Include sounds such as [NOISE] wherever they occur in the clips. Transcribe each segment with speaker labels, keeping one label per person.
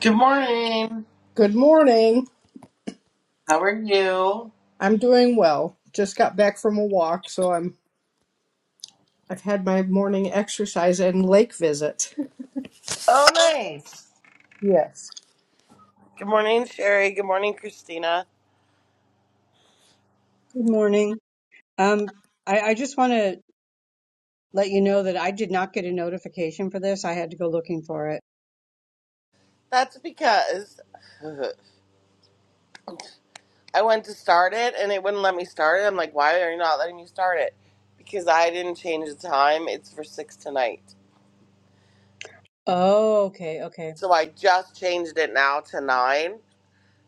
Speaker 1: Good morning.
Speaker 2: Good morning.
Speaker 1: How are you?
Speaker 2: I'm doing well. Just got back from a walk, so I'm I've had my morning exercise and lake visit.
Speaker 1: Oh, nice.
Speaker 2: Yes.
Speaker 1: Good morning, Sherry. Good morning, Christina.
Speaker 3: Good morning. Um, I, I just want to let you know that I did not get a notification for this. I had to go looking for it.
Speaker 1: That's because [LAUGHS] I went to start it and it wouldn't let me start it. I'm like, why are you not letting me start it? Because I didn't change the time. It's for six tonight.
Speaker 3: Oh, okay, okay,
Speaker 1: So I just changed it now to nine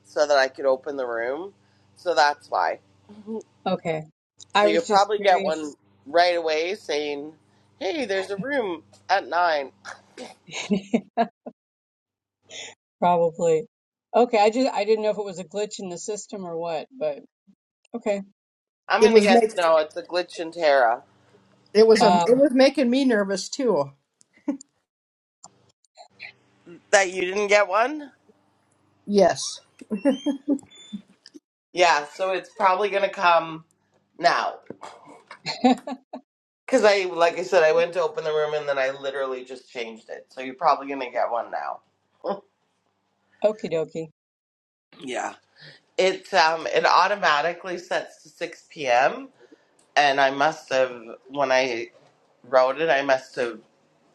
Speaker 1: so that I could open the room. So that's why.
Speaker 3: okay. I
Speaker 1: So you'll
Speaker 3: was just
Speaker 1: probably get one
Speaker 3: curious,
Speaker 1: right away saying, hey, there's a room at nine.
Speaker 3: [LAUGHS] probably. Okay, I just I didn't know if it was a glitch in the system or what, but okay.
Speaker 1: I'm
Speaker 2: It
Speaker 1: going to
Speaker 2: was
Speaker 1: guess
Speaker 2: make
Speaker 1: no, it's a glitch in Terra.
Speaker 2: it was a
Speaker 3: Uh,
Speaker 2: it was making me nervous too.
Speaker 1: that you didn't get one?
Speaker 2: Yes.
Speaker 1: Yeah, so it's probably gonna come now.
Speaker 3: [LAUGHS]
Speaker 1: Cause I, like I said, I went to open the room and then I literally just changed it. So you're probably gonna get one now.
Speaker 3: okie dokie.
Speaker 1: Yeah. It um it automatically sets to six p.m. and I must have when I wrote it, I must have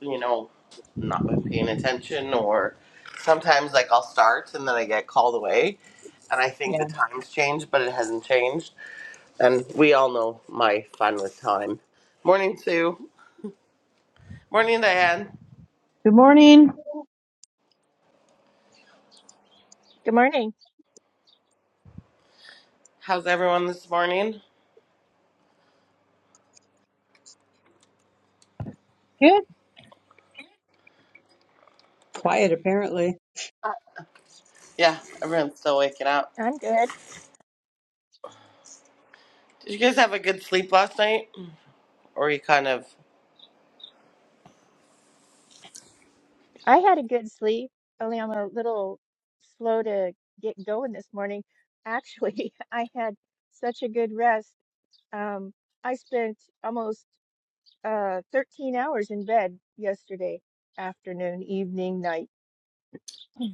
Speaker 1: you know not been paying attention or sometimes like I'll start and then I get called away and I think the
Speaker 3: Yeah,
Speaker 1: time's changed, but it hasn't changed And we all know my fun with time. Morning, Sue. Morning, Diane.
Speaker 4: Good morning.
Speaker 5: Good morning.
Speaker 1: How's everyone this morning?
Speaker 4: Good.
Speaker 3: quiet apparently.
Speaker 1: Yeah, everyone's still waking up.
Speaker 5: I'm good.
Speaker 1: Did you guys have a good sleep last night? Or you kind of,
Speaker 5: I had a good sleep, only I'm a little slow to get going this morning. Actually, [LAUGHS] I had such a good rest. Um, I spent almost uh, 13 hours in bed yesterday afternoon, evening, night. [CLEARS THROAT]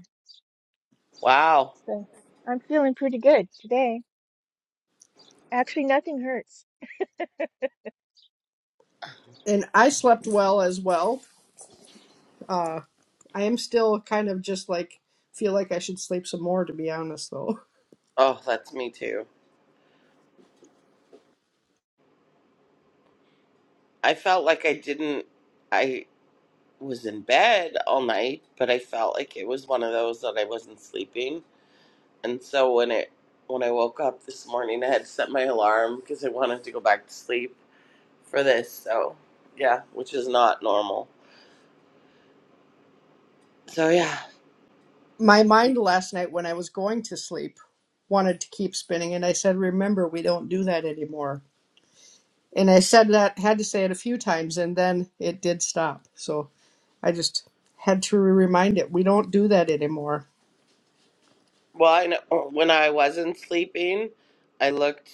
Speaker 1: wow.
Speaker 5: So I'm feeling pretty good today. Actually, nothing hurts.
Speaker 2: And I slept well as well. Uh I am still kind of just like feel like I should sleep some more to be honest though.
Speaker 1: Oh, that's me too. I felt like I didn't, I was in bed all night, but I felt like it was one of those that I wasn't sleeping. And so when it, when I woke up this morning, I had set my alarm because I wanted to go back to sleep for this. So yeah, which is not normal. So yeah.
Speaker 2: My mind last night when I was going to sleep wanted to keep spinning and I said remember we don't do that anymore And I said that, had to say it a few times, and then it did stop. So I just had to remind it, we don't do that anymore.
Speaker 1: Well, I know when I wasn't sleeping, I looked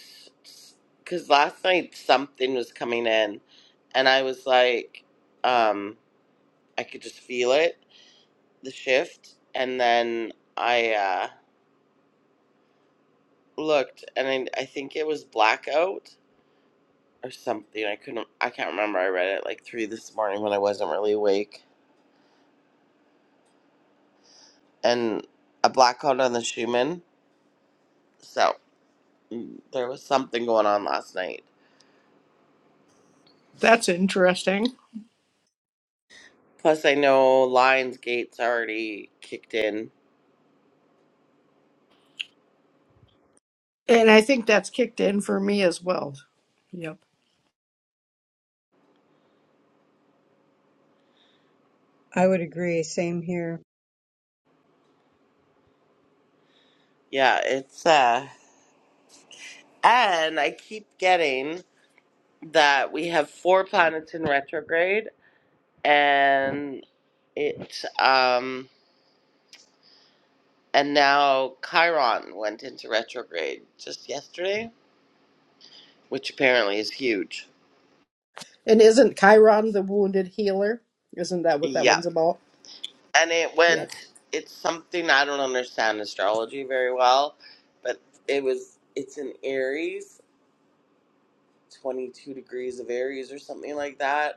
Speaker 1: because last night something was coming in, and I was like, um, I could just feel it, the shift, and then I uh, looked, and I, I think it was blackout or something. I couldn't, I can't remember. I read it like three this morning when I wasn't really awake, and a blackout on the Schumann. So mm, there was something going on last night.
Speaker 2: That's interesting.
Speaker 1: Plus, I know Lionsgate's already kicked in.
Speaker 2: And I think that's kicked in for me as well. Yep.
Speaker 3: I would agree. Same here.
Speaker 1: Yeah, it's uh, and I keep getting that we have four planets in retrograde, and it um, and now Chiron went into retrograde just yesterday, which apparently is huge.
Speaker 2: And isn't Chiron the wounded healer? Isn't that what that
Speaker 1: Yeah,
Speaker 2: one's about?
Speaker 1: and it
Speaker 2: Yep.
Speaker 1: went. It's something I don't understand astrology very well, but it was. It's in Aries, twenty-two degrees of Aries or something like that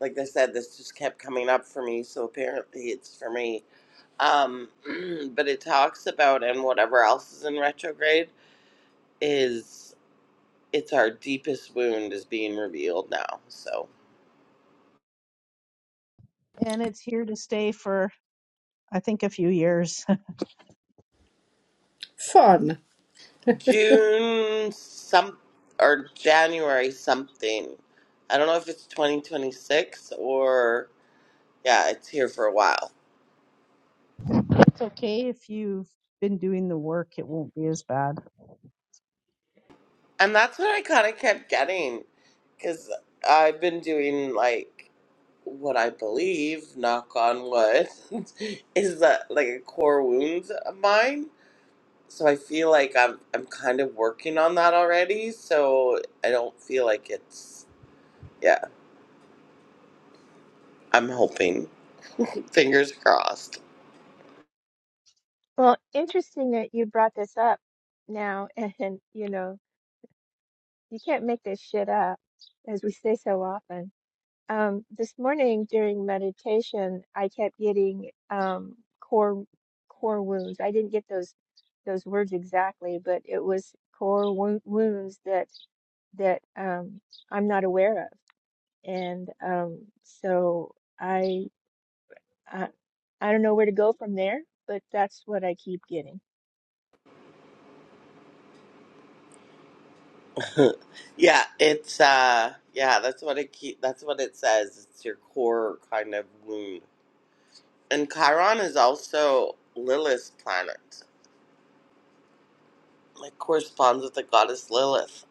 Speaker 1: like I said, this just kept coming up for me, so apparently it's for me. Um, [CLEARS THROAT] but it talks about, and whatever else is in retrograde, is it's our deepest wound is being revealed now. So
Speaker 4: And it's here to stay for, I think, a few years. [LAUGHS]
Speaker 2: Fun.
Speaker 1: June some or January something. I don't know if it's 2026 or yeah, it's here for a while.
Speaker 4: It's okay if you've been doing the work, it won't be as bad.
Speaker 1: And that's what I kind of kept getting because I've been doing like what I believe, knock on wood, [LAUGHS] is that like a core wound of mine. So I feel like I'm I'm kind of working on that already. So I don't feel like it's yeah. I'm hoping, fingers crossed.
Speaker 5: Well, interesting that you brought this up now, [LAUGHS] and you know, you can't make this shit up, as we say so often. Um, this morning during meditation, I kept getting um, core core wounds. I didn't get those those words exactly, but it was core wo wounds that that um, I'm not aware of, and um, so I, I I don't know where to go from there. But that's what I keep getting.
Speaker 1: [LAUGHS] yeah, it's uh yeah. That's what it keep. That's what it says. It's your core kind of wound. And Chiron is also Lilith's planet. It corresponds with the goddess Lilith.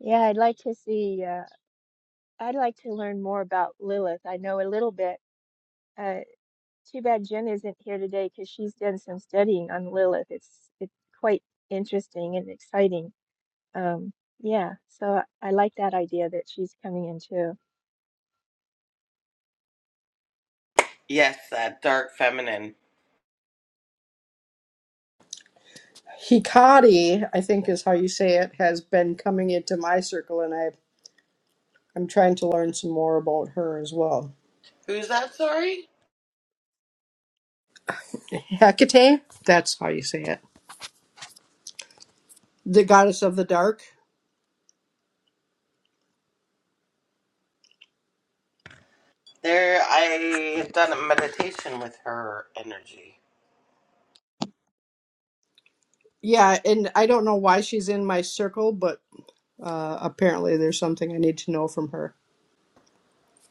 Speaker 5: Yeah, I'd like to see. Uh, I'd like to learn more about Lilith. I know a little bit. Uh, Too bad Jen isn't here today because she's done some studying on Lilith. It's it's quite interesting and exciting. Um, yeah, so I like that idea that she's coming in too.
Speaker 1: Yes, that dark feminine.
Speaker 2: Hikari, I think is how you say it, has been coming into my circle, and I, I'm trying to learn some more about her as well.
Speaker 1: Who's that? Sorry.
Speaker 2: Hecate, that's how you say it. The goddess of the dark.
Speaker 1: There, I've done a meditation with her energy.
Speaker 2: Yeah, and I don't know why she's in my circle, but uh, apparently there's something I need to know from her.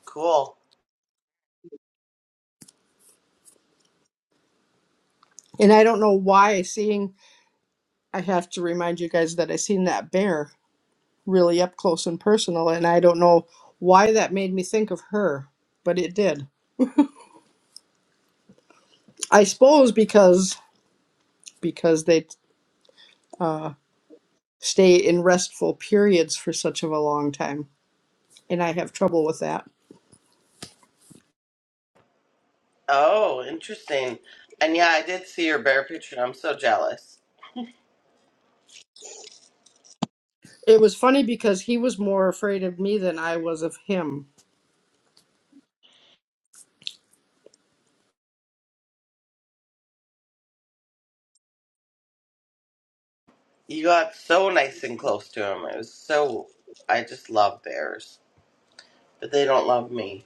Speaker 1: Cool.
Speaker 2: And I don't know why seeing, I have to remind you guys that I seen that bear really up close and personal, and I don't know why that made me think of her, but it did. I suppose because because they uh, stay in restful periods for such of a long time, and I have trouble with that.
Speaker 1: Oh, interesting. And yeah, I did see your bear picture, and I'm so jealous.
Speaker 2: It was funny because he was more afraid of me than I was of him.
Speaker 1: You got so nice and close to him. It was so. I just love bears, but they don't love me.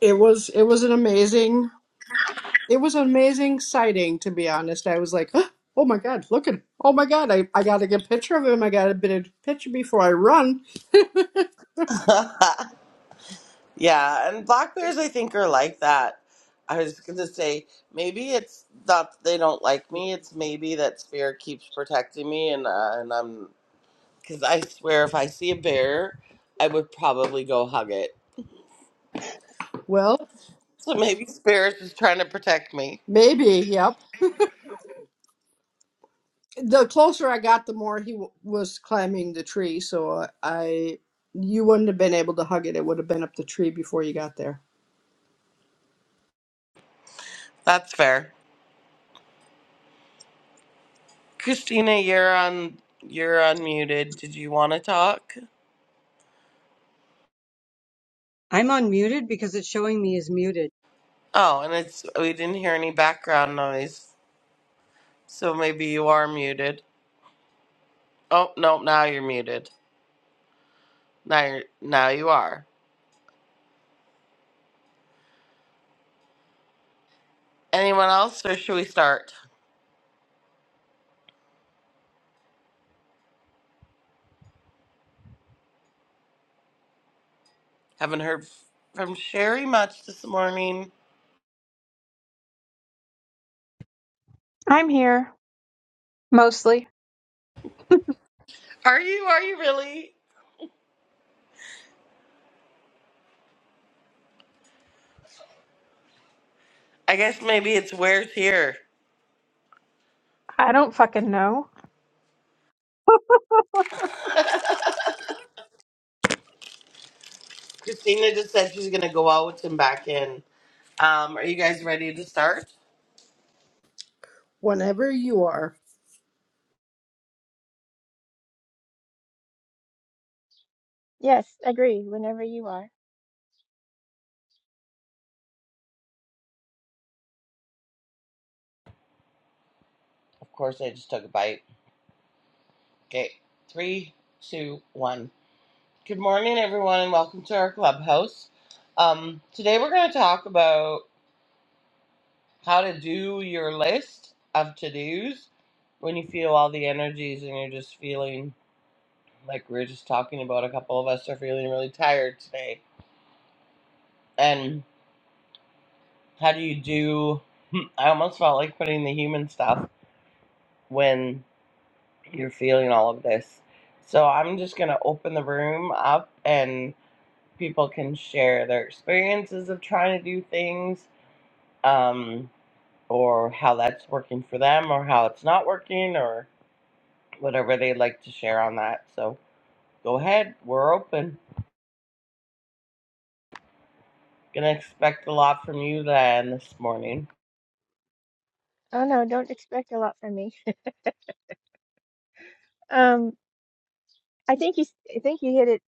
Speaker 2: It was it was an amazing It was an amazing sighting, to be honest. I was like, "Huh, oh my God, look at Oh my God, I, I got to get a picture of him. I got to get a picture before I run.
Speaker 1: [LAUGHS] yeah, and black bears, I think, are like that. I was gonna say maybe it's not that they don't like me. It's maybe that spirit keeps protecting me, and uh, and I'm Because I swear, if I see a bear, I would probably go hug it.
Speaker 2: Well,
Speaker 1: So maybe Spirit is trying to protect me.
Speaker 2: maybe, yep. The closer I got, the more he w- was climbing the tree. So uh, I, you wouldn't have been able to hug it. It would have been up the tree before you got there.
Speaker 1: That's fair. Christina, you're on. You're unmuted. Did you want to talk?
Speaker 3: I'm unmuted because it's showing me is muted.
Speaker 1: Oh, and it's we didn't hear any background noise, so maybe you are muted. Oh no, now you're muted. Now you're now you are. Anyone else, or should we start? Haven't heard from Sherry much this morning.
Speaker 6: I'm here, mostly.
Speaker 1: Are you? Are you really? I guess maybe it's where's here.
Speaker 6: I don't fucking know.
Speaker 1: Christina just said she's gonna go out and back in. Um, are you guys ready to start?
Speaker 2: Whenever you are.
Speaker 5: Yes, agree. Whenever you are.
Speaker 1: Of course, I just took a bite. Okay, three, two, one. Good morning, everyone, and welcome to our clubhouse. Um, today we're gonna talk about how to do your list of to dos when you feel all the energies and you're just feeling like we were just talking about. A couple of us are feeling really tired today, and how do you do? [LAUGHS] I almost felt like putting the human stuff when. you're feeling all of this. So I'm just going to open the room up and people can share their experiences of trying to do things um, or how that's working for them or how it's not working or whatever they'd like to share on that. So go ahead, we're open. Gonna expect a lot from you, Diane, this morning.
Speaker 5: Oh no, don't expect a lot from me. Um, I think you s- I think you hit it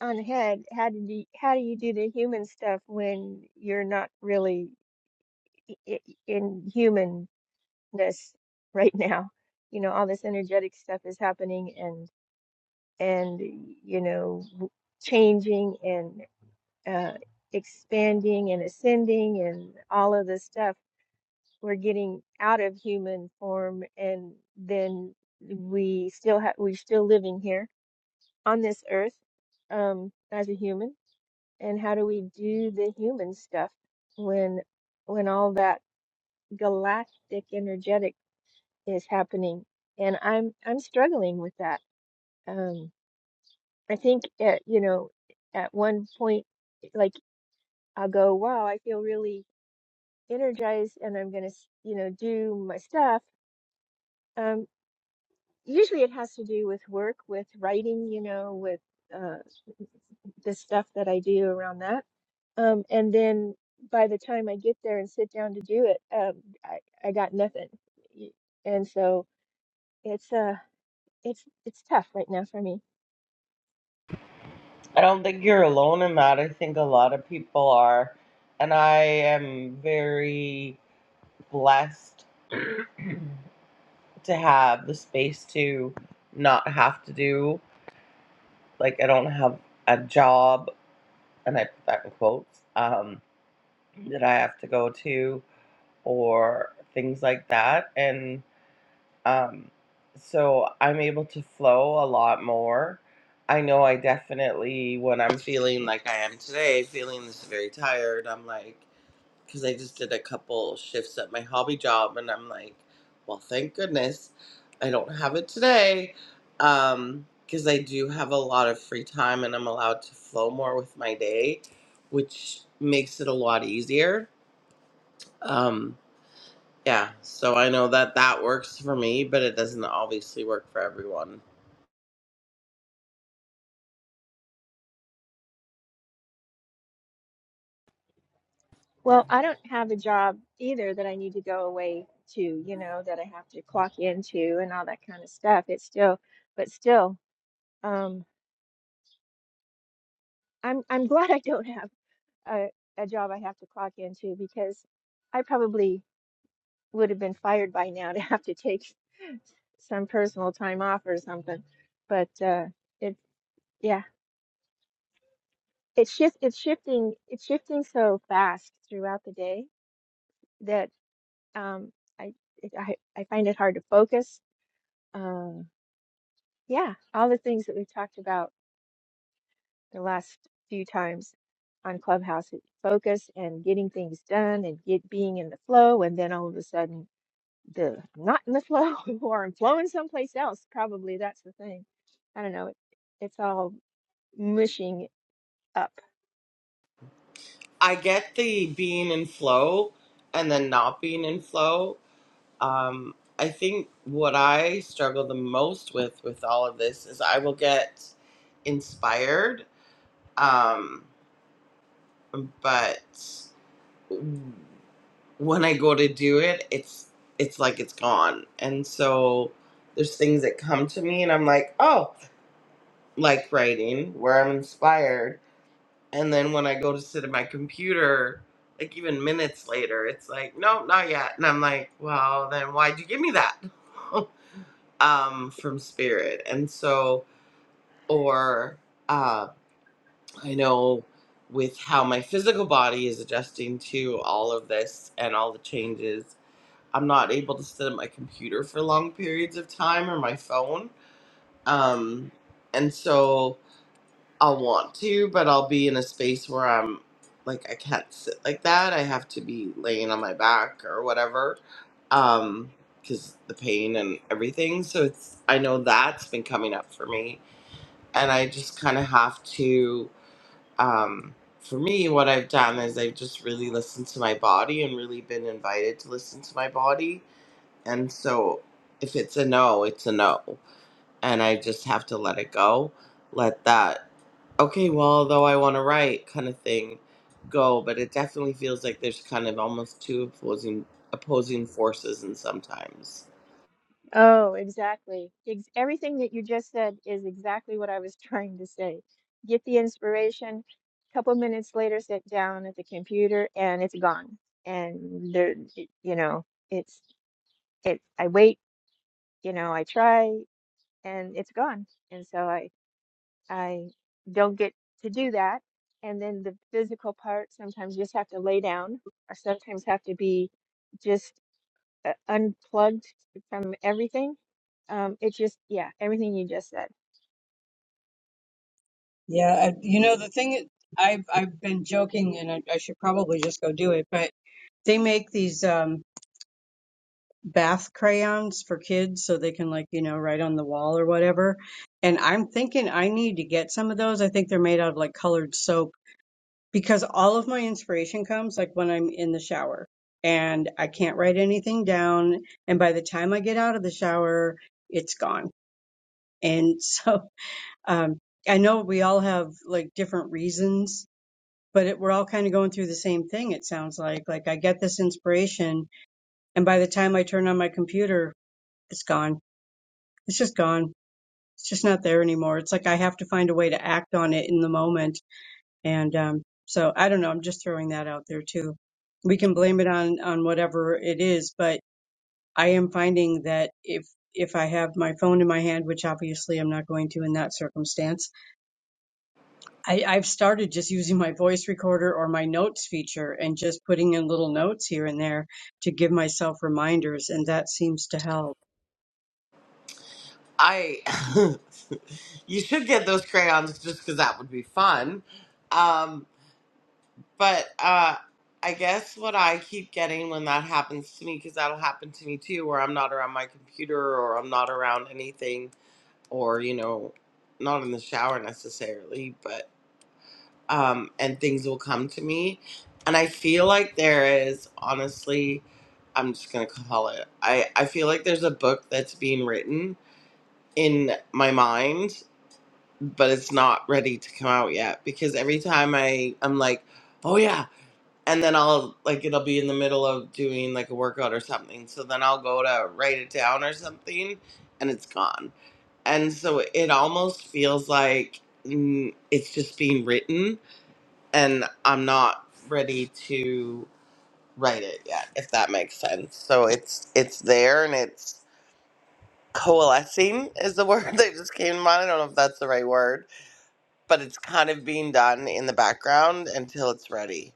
Speaker 5: on the head. How do you, how do you do the human stuff when you're not really i- i- in humanness right now? You know, all this energetic stuff is happening and. and you know changing and uh, expanding and ascending and all of this stuff we're getting out of human form and then we still have we're still living here on this earth um, as a human and how do we do the human stuff when when all that galactic energetic is happening and i'm i'm struggling with that um, I think at, you know, at one point, like I'll go, wow, I feel really energized and I'm going to, you know, do my stuff. Um, usually it has to do with work, with writing, you know, with uh, the stuff that I do around that. Um, and then by the time I get there and sit down to do it, um, I, I got nothing. Y- And so it's, uh, it's, it's tough right now for me.
Speaker 1: I don't think you're alone in that. I think a lot of people are. And I am very blessed [CLEARS THROAT] to have the space to not have to do like I don't have a job and I put that in quotes um, that I have to go to or things like that and um, so I'm able to flow a lot more. I know I definitely when I'm feeling like I am today, feeling this very tired, I'm like because I just did a couple shifts at my hobby job, and I'm like, well, thank goodness I don't have it today, um, because I do have a lot of free time and I'm allowed to flow more with my day, which makes it a lot easier. Um, yeah, so I know that that works for me, but it doesn't obviously work for everyone.
Speaker 5: Well, I don't have a job either that I need to go away to, you know, that I have to clock into and all that kind of stuff. It's still, but still, um, I'm I'm glad I don't have a, a job I have to clock into because I probably would have been fired by now [LAUGHS] to have to take some personal time off or something. But uh, it, yeah, it's shift it's shifting it's shifting so fast throughout the day that um, I, it, I I find it hard to focus. um, Yeah, all the things that we've talked about the last few times on Clubhouse, focus and getting things done and get being in the flow, and then all of a sudden the I'm not in the flow [LAUGHS] or I'm flowing someplace else. Probably that's the thing. I don't know. It, it's all mushing up.
Speaker 1: I get the being in flow and then not being in flow Um, I think what I struggle the most with with all of this is I will get inspired, um, but when I go to do it, it's it's like it's gone, and so there's things that come to me, and I'm like, oh, like writing where I'm inspired, and then when I go to sit at my computer. Like even minutes later, it's like, no, not yet. And I'm like, well, then why'd you give me that? [LAUGHS] um, from spirit. And so, or uh, I know with how my physical body is adjusting to all of this and all the changes, I'm not able to sit at my computer for long periods of time or my phone. Um, and so I'll want to, but I'll be in a space where I'm like, I can't sit like that. I have to be laying on my back or whatever. Um, because the pain and everything. So it's, I know that's been coming up for me and I just kind of have to. Um, for me, what I've done is I've just really listened to my body and really been invited to listen to my body. And so, if it's a no, it's a no, and I just have to let it go, let that okay, well, though I want to write kind of thing go. But it definitely feels like there's kind of almost two opposing opposing forces, and sometimes.
Speaker 5: Oh, exactly. Ex everything that you just said is exactly what I was [LAUGHS] trying to say. Get the inspiration, couple minutes later, sit down at the computer, and it's gone. And there, y- you know, it's it. I wait, you know, I try, and it's gone. And so I I don't get to do that. And then the physical part, sometimes you just have to lay down, or sometimes have to be just uh, unplugged from everything um, it just, yeah, everything you just said.
Speaker 3: Yeah, I, you know the thing. I've I've been joking, and I, I should probably just go do it, but. They make these um, bath crayons for kids so they can, like, you know, write on the wall or whatever. And I'm thinking I need to get some of those. I think they're made out of like colored soap because all of my inspiration comes like when I'm in the shower and I can't write anything down. And by the time I get out of the shower, it's gone. And [LAUGHS] so um, I know we all have like different reasons but it, we're all kind of going through the same thing. It sounds like, like I get this inspiration And by the time I turn on my computer, it's gone. It's just gone. It's just not there anymore. It's like I have to find a way to act on it in the moment. And um, so I don't know. I'm just throwing that out there too. We can blame it on on whatever it is, but I am finding that if if I have my phone in my hand, which obviously I'm not going to in that circumstance, I, I've started just using my voice recorder or my notes feature and just putting in little notes here and there to give myself reminders, and that seems to help.
Speaker 1: I [LAUGHS] you should get those crayons just because that would be fun. Um, but uh, I guess what I keep getting when that happens to me, because that'll happen to me too, where I'm not around my computer or I'm not around anything, or you know, not in the shower necessarily, but um, and things will come to me, and I feel like there is honestly. I'm just gonna call it. I, I feel like there's a book that's being written in my mind but it's not ready to come out yet because every time I I'm like, "Oh yeah." And then I'll like it'll be in the middle of doing like a workout or something. So then I'll go to write it down or something and it's gone. And so it almost feels like mm, it's just being written and I'm not ready to write it yet, if that makes sense. So it's it's there and it's coalescing is the word [LAUGHS] that just came to mind. I don't know if that's the right word but it's kind of being done in the background until it's ready.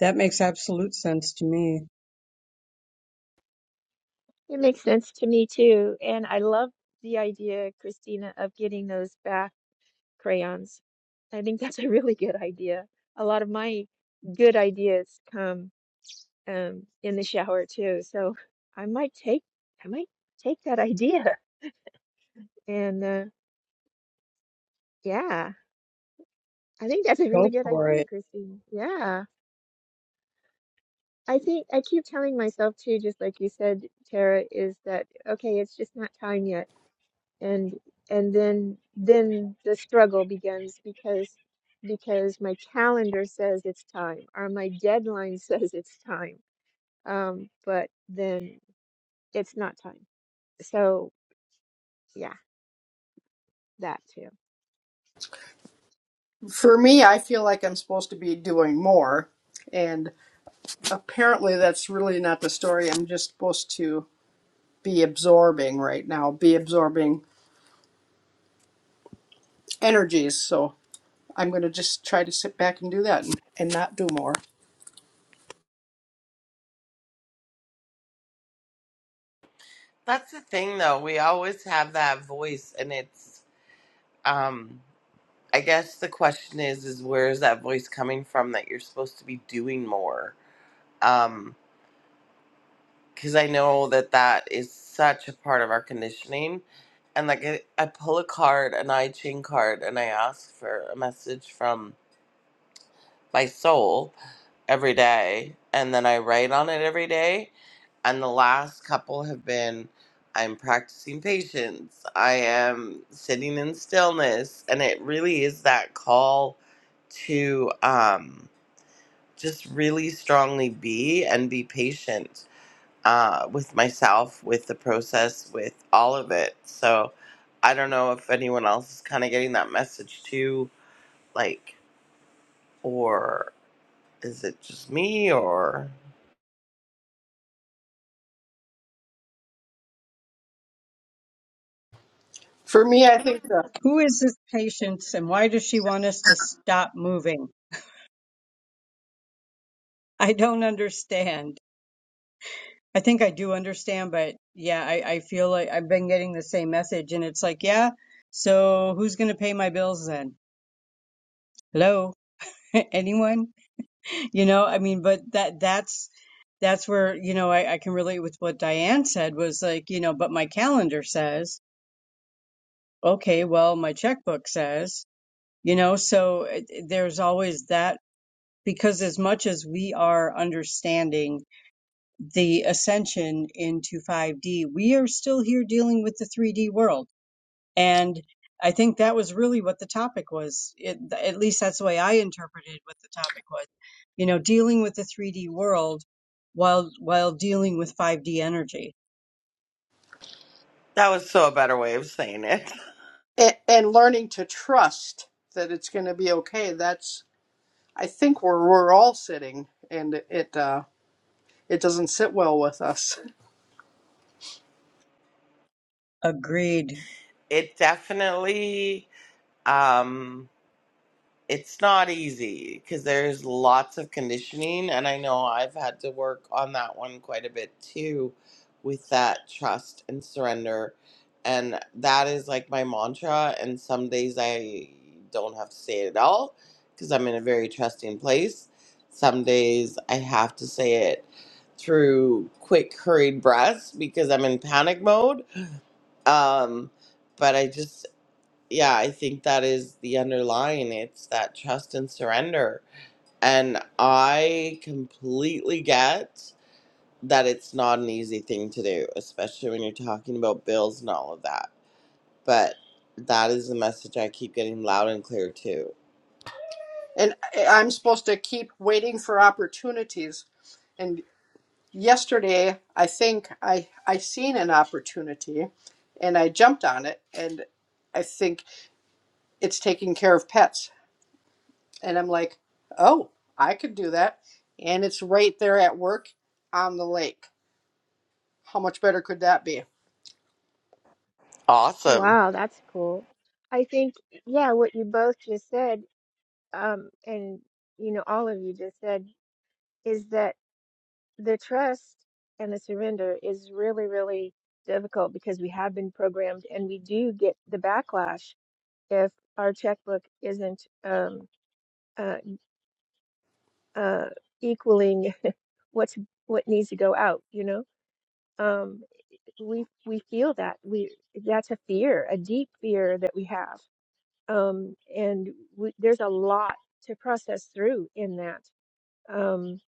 Speaker 3: That makes absolute sense to me.
Speaker 5: It makes sense to me too. And I love the idea, Christina, of getting those back crayons. I think that's a really good idea. A lot of my good ideas come um, in the shower too. So I might take, I might take that idea. [LAUGHS] And uh, yeah, I think that's a
Speaker 3: Go
Speaker 5: really good
Speaker 3: for
Speaker 5: idea,
Speaker 3: it.
Speaker 5: Christina Yeah. I think I keep telling myself too, just like you said, Tara, is that okay, it's just not time yet and and then then the struggle begins because because my calendar says it's time or my deadline [LAUGHS] says it's time um but then it's not time so yeah that too
Speaker 2: For me, I feel like I'm supposed to be doing more. And apparently, that's really not the story. I'm just supposed to be absorbing right now, be absorbing energies. So I'm going to just try to sit back and do that and, and not do more.
Speaker 1: That's the thing though, we always have that voice and it's um I guess the question is is where is that voice coming from that you're supposed to be doing more? Um cuz I know that that is such a part of our conditioning and like I, I pull a card, an I Ching card and I ask for a message from my soul every day and then I write on it every day and the last couple have been I'm practicing patience, I am sitting in stillness, and it really is that call to um, just really strongly be and be patient uh, with myself, with the process, with all of it. So I don't know if anyone else is kind of getting that message too, like, or is it just me, or
Speaker 2: For me, I think the
Speaker 3: Who is this patient and why does she want us to stop moving? I don't understand. I think I do understand, but yeah, I, I feel like I've been getting the same message and it's like, yeah, so who's going to pay my bills then? Hello? [LAUGHS] Anyone? You know, I mean, but that, that's, that's where, you know, I, I can relate with what Diane said was like, you know, but my calendar says, okay, well, my checkbook says, you know so it, there's always that because as much as we are understanding the ascension into 5D we are still here dealing with the 3D world and I think that was really what the topic was it, at least that's the way I interpreted what the topic was you know dealing with the 3D world while while dealing with 5D energy
Speaker 1: that was so a better way of saying it. [LAUGHS]
Speaker 2: and, and learning to trust that it's going to be okay. That's I think where we're all sitting, and it uh, it doesn't sit well with us.
Speaker 3: agreed
Speaker 1: It definitely um it's not easy because there's lots of conditioning and i know i've had to work on that one quite a bit too with that trust and surrender and that is like my mantra and some days i don't have to say it at all because i'm in a very trusting place some days i have to say it through quick hurried breaths because i'm in panic mode um but i just yeah, I think that is the underlying. It's that trust and surrender. And I completely get that it's not an easy thing to do, especially when you're talking about bills and all of that. But that is the message I keep getting loud and clear too.
Speaker 2: And I- I'm supposed to keep waiting for opportunities. And yesterday, I think I I seen an opportunity, and I jumped on it. And I think it's taking care of pets. And I'm like, oh, I could do that. And it's right there at work on the lake. How much better could that be?
Speaker 1: Awesome.
Speaker 5: wow that's cool i think yeah what you both just said um and you know all of you just said is that the trust and the surrender is really really difficult because we have been programmed and we do get the backlash if our checkbook isn't um, uh, uh, equaling what's what needs to go out. You know, um, we we feel that we that's a fear, a deep fear that we have, um, and we, there's a lot to process through in that. Um,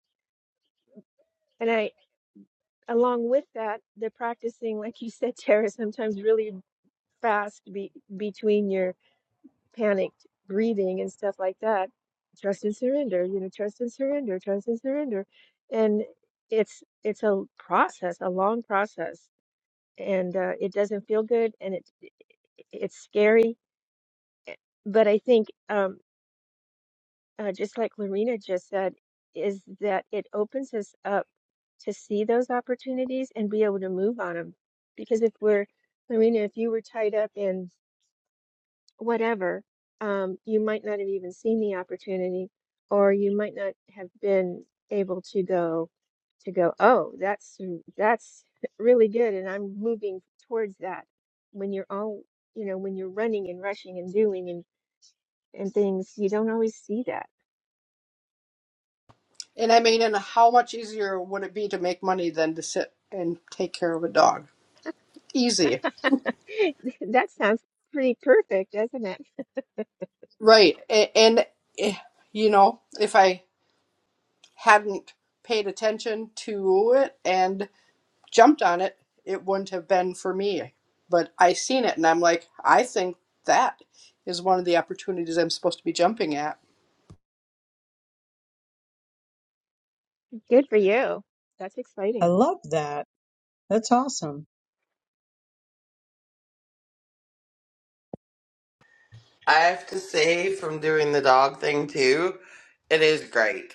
Speaker 5: and I, along with that, the practicing, like you said, Tara, sometimes really fast be, between your panicked breathing and stuff like that. Trust and surrender, you know, trust and surrender, trust and surrender. And it's it's a process, a long process, and uh, it doesn't feel good, and it it's scary. eh, But I think, um, uh, just like Lorena just said, is that it opens us up to see those opportunities and be able to move on them. Because if we're, Lorena, if you were tied up in whatever, um, you might not have even seen the opportunity, or you might not have been able to go to go, oh, that's mm, that's [LAUGHS] really good, and I'm moving towards that. When you're all, you know, when you're running and rushing and doing and and things, you don't always see that.
Speaker 2: And I mean, and how much easier would it be to make money than to sit and take care of a dog? Easy.
Speaker 5: [LAUGHS] That sounds pretty perfect, doesn't it?
Speaker 2: Right. And, and eh, you know, if I hadn't paid attention to it and jumped on it, it wouldn't have been for me. But I seen it and I'm like, I think that is one of the opportunities I'm supposed to be jumping at
Speaker 5: Good for you. That's
Speaker 3: I
Speaker 5: exciting.
Speaker 3: love that that's awesome
Speaker 1: I have to say, from doing the dog thing too, it is great.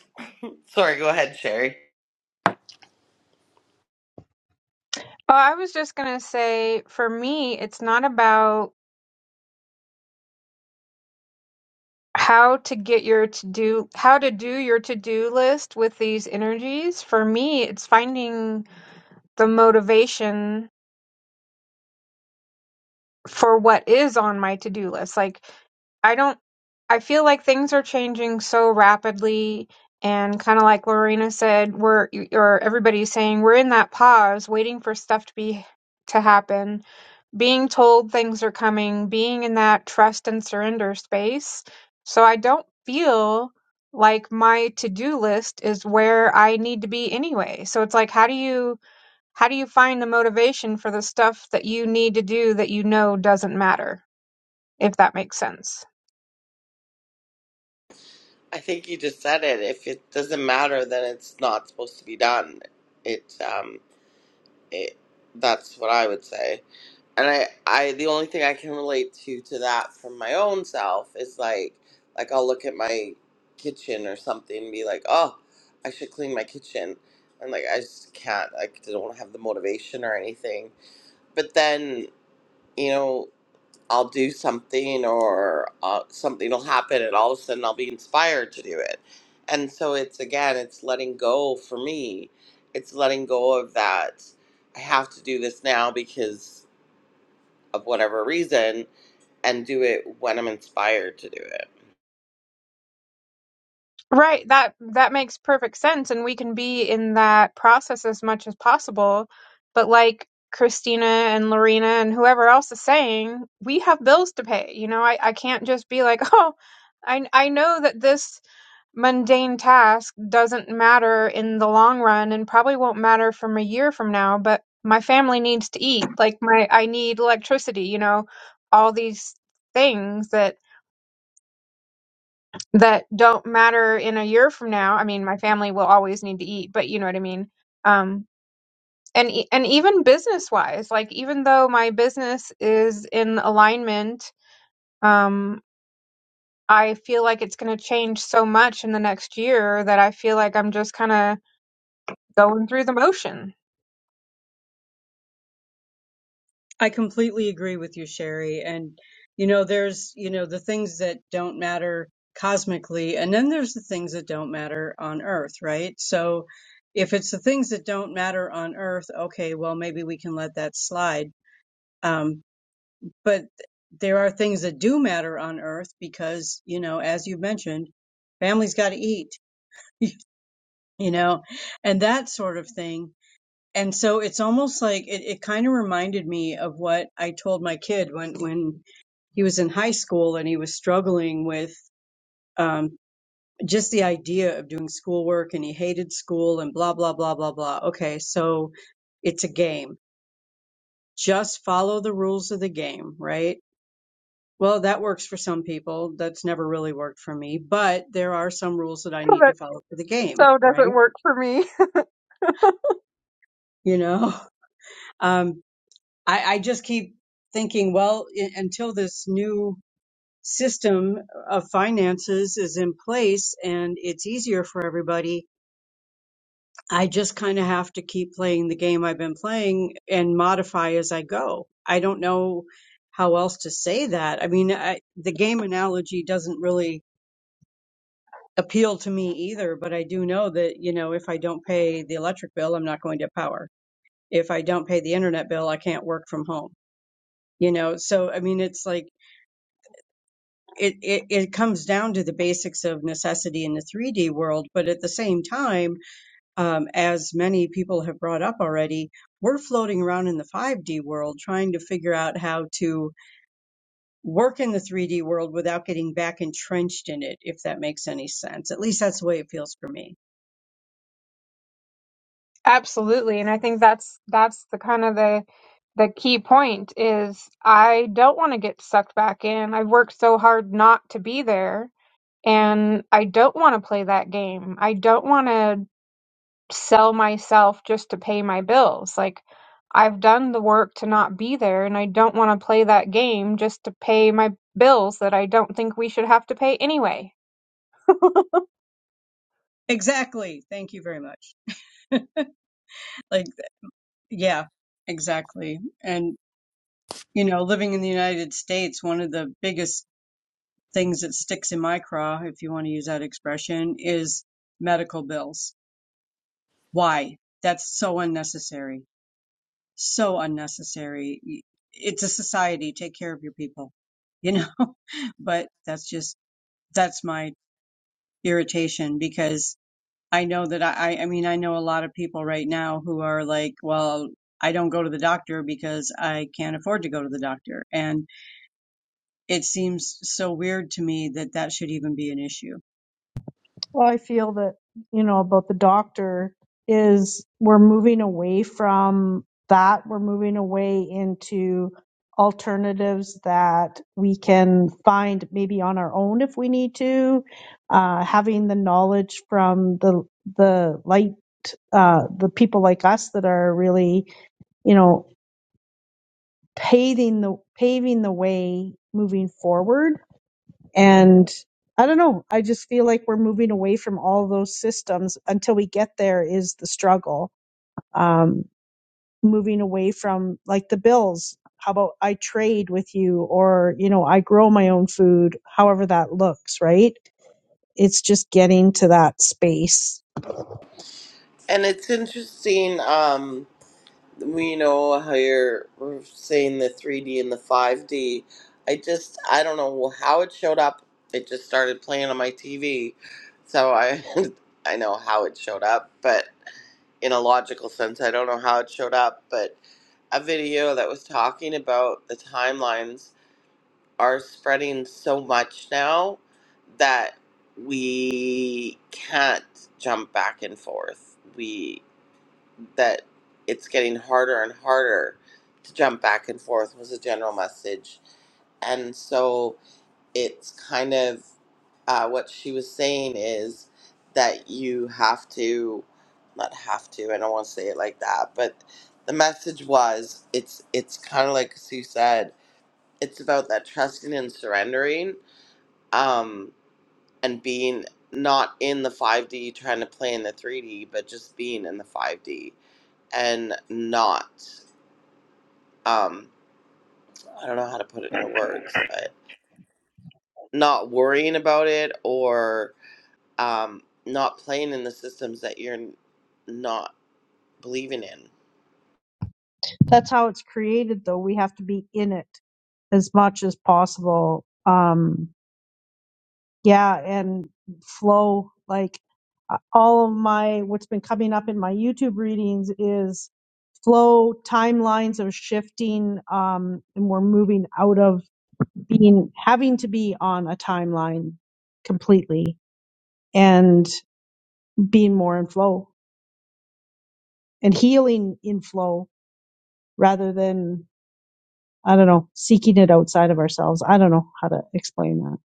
Speaker 1: Sorry, go ahead, Sherry.
Speaker 6: Oh, I was just gonna say, for me, it's not about how to get your to do, how to do your to do list with these energies. For me, it's finding the motivation for what is on my to do list. Like, I don't, I feel like things are changing so rapidly. And kind of like Lorena said, we're, or everybody's saying, we're in that pause waiting for stuff to be, to happen being told things are coming, being in that trust and surrender space. So I don't feel like my to-do list is where I need to be anyway. So it's like how do you how do you find the motivation for the stuff that you need to do that you know doesn't matter? if that makes sense.
Speaker 1: I think you just said it. If it doesn't matter, then it's not supposed to be done. It um It, that's what I would say. And I, I, the only thing I can relate to to that from my own self is like, like I'll look at my kitchen or something and be like, oh, I should clean my kitchen, and like I just can't. I don't have the motivation or anything. But then you know. I'll do something or uh, something will happen and all of a sudden I'll be inspired to do it. And so it's again, it's letting go for me. It's letting go of that I have to do this now because of whatever reason and do it when I'm inspired to do it.
Speaker 6: Right, that that makes perfect sense and we can be in that process as much as possible. But like Christina and Lorena and whoever else is saying, we have bills to pay. You know, I, I can't just be like, [LAUGHS] "Oh, I I know that this mundane task doesn't matter in the long run and probably won't matter from a year from now, but my family needs to eat. Like my I need electricity, you know, all these things that that don't matter in a year from now. I mean, my family will always need to eat, but you know what I mean. Um, and e- and even business wise, like even though my business is in alignment, um, I feel like it's going to change so much in the next year that I feel like I'm just kind of going through the motion. [LAUGHS]
Speaker 3: I completely agree with you, Sherry. And, you know, there's, you know, the things that don't matter cosmically, and then there's the things that don't matter on Earth, right? So if it's the things that don't matter on Earth, okay, well, maybe we can let that slide. Um, but there are things that do matter on Earth because, you know, as you mentioned, families got to eat, [LAUGHS] you know, and that sort of thing and so it's almost like it, it kind of reminded me of what I told my kid when when he was in high school and he was struggling with um, just the idea of doing schoolwork and he hated school and blah blah blah blah blah. Okay, so it's a game. Just follow the rules of the game, right? Well, that works for some people. That's never really worked for me, but there are some rules that I need to
Speaker 6: But
Speaker 3: follow for the game,
Speaker 6: so does it
Speaker 3: right?
Speaker 6: work for me?
Speaker 3: You know, [LAUGHS] Um, I, I just keep thinking, well, I- until this new system of finances is in place and it's easier for everybody, I just kind of have to keep playing the game I've been playing and modify as I go. I don't know how else to say that. I mean, I, the game analogy doesn't really appeal to me either, but I do know that, you know, if I don't pay the electric bill, I'm not going to have power. If I don't pay the internet bill, I can't work from home. You know, so I mean, it's like, it, it, it comes down to the basics of necessity in the 3D world. But at the same time, um, as many people have brought up already, we're floating around in the 5D world trying to figure out how to work in the 3D world without getting back entrenched in it, if that makes any sense. At least that's the way it feels for me.
Speaker 6: [LAUGHS] Absolutely, and I think that's that's the kind of the the key point is I don't want to get sucked back in. I've worked so hard not to be there and I don't want to play that game. I don't want to sell myself just to pay my bills. Like, I've done the work to not be there, and I don't want to play that game just to pay my bills that I don't think we should have to pay anyway. [LAUGHS]
Speaker 3: Exactly. Thank you very much. Like, yeah, exactly. And, you know, living in the United States, one of the biggest things that sticks in my craw, if you want to use that expression, is medical bills. Why? That's so unnecessary. So unnecessary. It's a society. Take care of your people, you know? [LAUGHS] but that's just, that's my irritation because I know that I I mean, I know a lot of people right now who are like, well, I don't go to the doctor because I can't afford to go to the doctor. And it seems so weird to me that that should even be an issue
Speaker 4: Well, I feel that, you know, about the doctor is we're moving away from that. We're moving away into alternatives that we can find maybe on our own if we need to. Uh, having the knowledge from the, the light, uh, the people like us that are really, you know, paving the, paving the way moving forward and I don't know. I just feel like we're moving away from all those systems until we get there is the struggle. Um, moving away from like the bills. How about I trade with you or, you know, I grow my own food, however that looks, right? It's just getting to that space.
Speaker 1: And it's interesting. Um, We know how you're we're saying the 3D and the 5D. I just I don't know how it showed up. It just started playing on my TV, so I [LAUGHS] I know how it showed up, but in a logical sense, I don't know how it showed up. But a video that was talking about the timelines are spreading so much now that we can't jump back and forth. We that it's getting harder and harder to jump back and forth was a general message. And so it's kind of uh, what she was saying is that you have to, not have to, I don't want to say it like that, but the message was it's it's kind of like Sue said, it's about that trusting and surrendering um, and being not in the 5D trying to play in the 3D, but just being in the 5D and not um i don't know how to put it into words but not worrying about it or um not playing in the systems that you're not believing in
Speaker 4: That's how it's created though. We have to be in it. as much as possible. Um, yeah, and flow like uh, all of my what's been coming up in my YouTube readings is flow timelines of shifting, um, and we're moving out of being having to be on a timeline completely and being more in flow and healing in flow rather than I don't know seeking it outside of ourselves. I don't know how to explain that.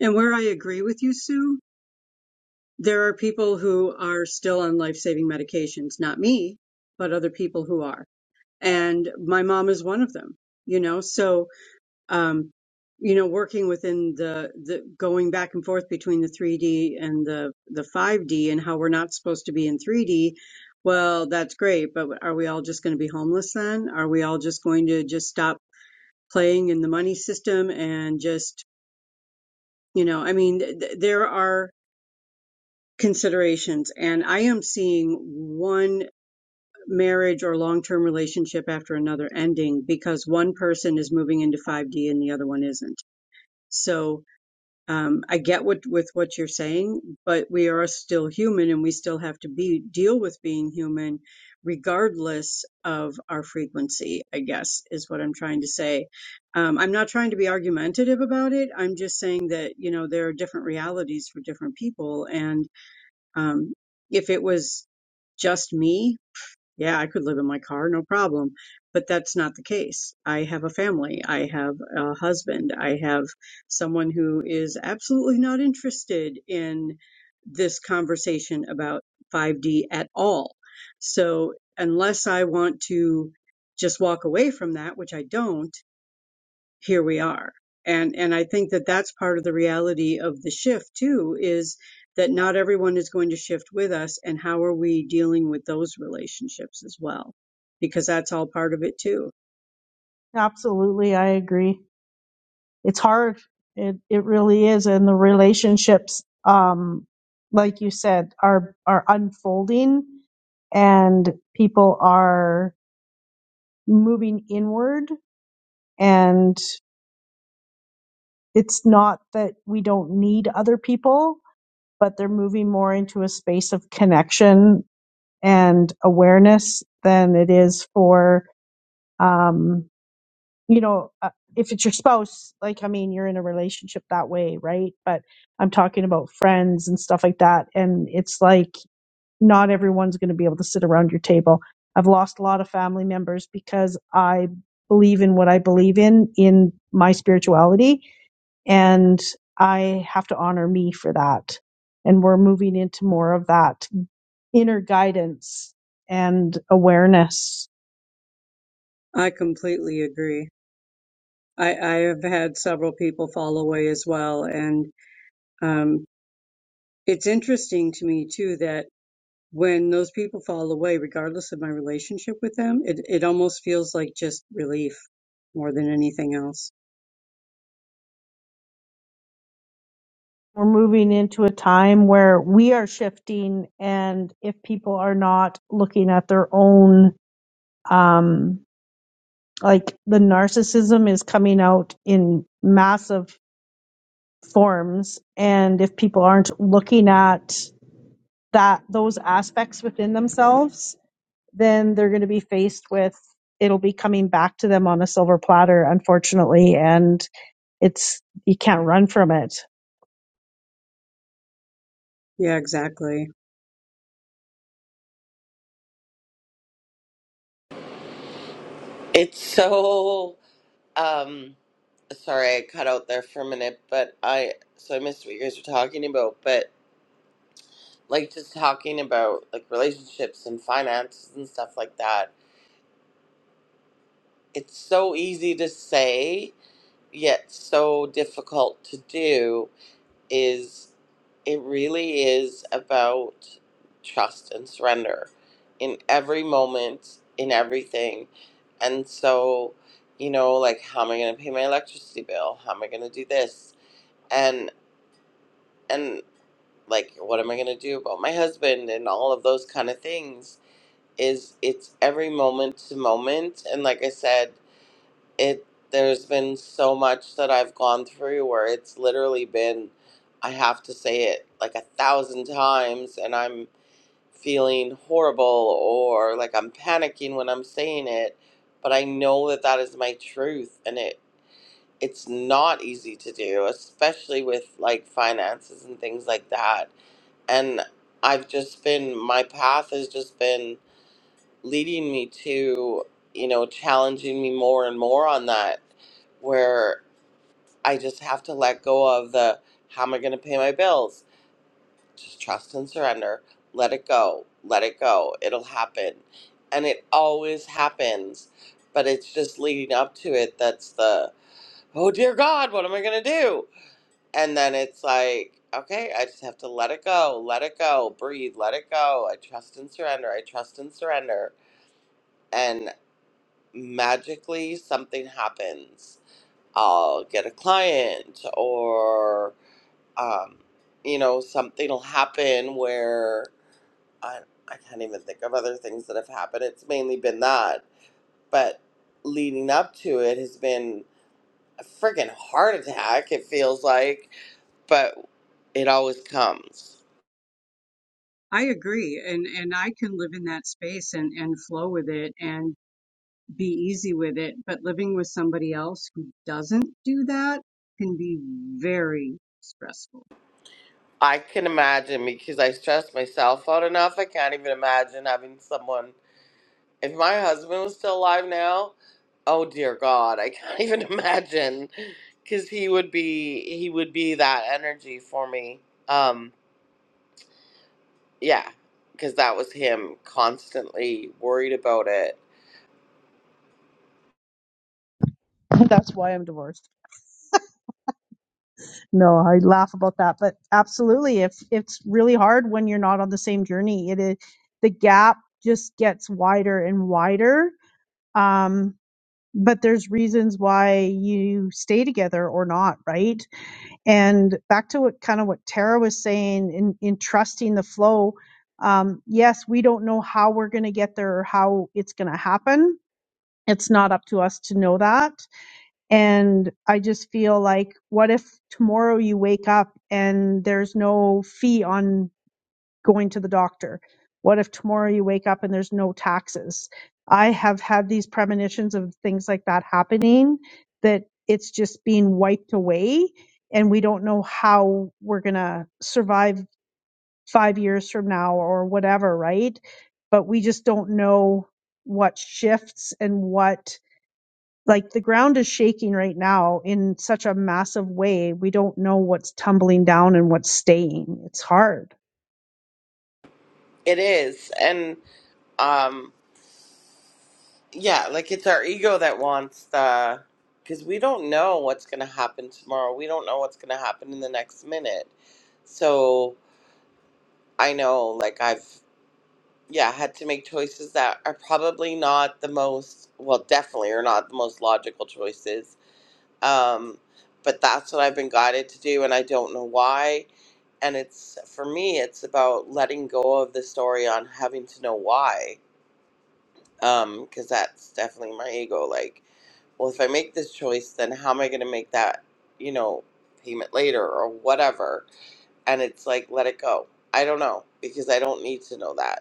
Speaker 3: And where I agree with you, Sue, there are people who are still on life saving medications, not me, but other people who are. And my mom is one of them, you know? So, um, you know, working within the, the going back and forth between the 3D and the, the 5D and how we're not supposed to be in 3D. Well, that's great, but are we all just going to be homeless then? Are we all just going to just stop playing in the money system and just, you know, I mean, th- there are considerations and I am seeing one marriage or long-term relationship after another ending because one person is moving into 5D and the other one isn't. So um, I get what with what you're saying, but we are still human and we still have to be deal with being human regardless of our frequency, I guess is what I'm trying to say. Um, I'm not trying to be argumentative about it. I'm just saying that, you know, there are different realities for different people and. Um, if it was just me, yeah, I could live in my car, no problem. But that's not the case. I have a family. I have a husband. I have someone who is absolutely not interested in this conversation about 5D at all. So unless I want to just walk away from that, which I don't, here we are and and i think that that's part of the reality of the shift too is that not everyone is going to shift with us and how are we dealing with those relationships as well because that's all part of it too
Speaker 4: Absolutely, I agree. it's hard. It it really is, and the relationships, um, like you said, are are unfolding, and people are moving inward, and it's not that we don't need other people, but they're moving more into a space of connection and awareness than it is for. Um, you know, uh, if it's your spouse, like, I mean, you're in a relationship that way, right? But I'm talking about friends and stuff like that. And it's like, not everyone's going to be able to sit around your table. I've lost a lot of family members because I believe in what I believe in, in my spirituality. And I have to honor me for that. And we're moving into more of that inner guidance and awareness
Speaker 3: i completely agree i i have had several people fall away as well and um it's interesting to me too that when those people fall away regardless of my relationship with them it it almost feels like just relief more than anything else
Speaker 4: we're moving into a time where we are shifting and if people are not looking at their own um like the narcissism is coming out in massive forms and if people aren't looking at that those aspects within themselves then they're going to be faced with it'll be coming back to them on a silver platter, unfortunately, and it's you can't run from it.
Speaker 3: yeah exactly
Speaker 1: it's so um sorry i cut out there for a minute but i so i missed what you guys were talking about but like just talking about like relationships and finances and stuff like that it's so easy to say yet so difficult to do is it really is about trust and surrender in every moment, in everything. And so, you know, like how am I gonna pay my electricity bill? How am I gonna do this? And and like what am I gonna do about my husband and all of those kind of things is it's every moment to moment and like I said it there's been so much that I've gone through where it's literally been I have to say it like a thousand times and I'm feeling horrible or like I'm panicking when I'm saying it but I know that that is my truth and it it's not easy to do especially with like finances and things like that and I've just been my path has just been leading me to, you know, challenging me more and more on that, where I just have to let go of the how am I going to pay my bills? Just trust and surrender. Let it go. Let it go. It'll happen. And it always happens. But it's just leading up to it that's the, oh dear God, what am I going to do? And then it's like, okay, I just have to let it go. Let it go. Breathe. Let it go. I trust and surrender. I trust and surrender And. magically something happens. I'll get a client, or um, you know, something will happen where I, I can't even think of other things that have happened. It's mainly been that, but leading up to it has been a freaking heart attack. It feels like, but it always comes.
Speaker 3: I agree, and and I can live in that space and and flow with it and be easy with it, but living with somebody else who doesn't do that can be very stressful.
Speaker 1: I can imagine because I stress myself out enough. I can't even imagine having someone If my husband was still alive now, oh dear God, I can't [LAUGHS] even imagine, because he would be he would be that energy for me. Um, yeah, because that was him constantly worried about it.
Speaker 4: [LAUGHS] That's why I'm divorced. No, I laugh about that, but absolutely, if it's really hard when you're not on the same journey, it is the gap just gets wider and wider. Um, but there's reasons why you stay together or not right and back to what kind of what tara was saying in, in trusting the flow um, yes we don't know how we're going to get there or how it's going to happen it's not up to us to know that and i just feel like what if tomorrow you wake up and there's no fee on going to the doctor? What if tomorrow you wake up and there's no taxes? I have had these premonitions of things like that happening that it's just being wiped away and we don't know how we're going to survive 5 years from now or whatever, right? But we just don't know what shifts and what like the ground is shaking right now in such a massive way. We don't know what's tumbling down and what's staying. It's hard.
Speaker 1: It is, and um, yeah, like it's our ego that wants the, because we don't know what's gonna happen tomorrow. We don't know what's gonna happen in the next minute. So I know, like I've yeah, had to make choices that are probably not the most, well, definitely are not the most logical choices. Um, but that's what I've been guided to do, and I don't know why. And it's for me, it's about letting go of the story on having to know why, Um, because that's definitely my ego. Like, well, if I make this choice, then how am I going to make that, you know, payment later or whatever? And it's like, let it go. I don't know because I don't need to know that.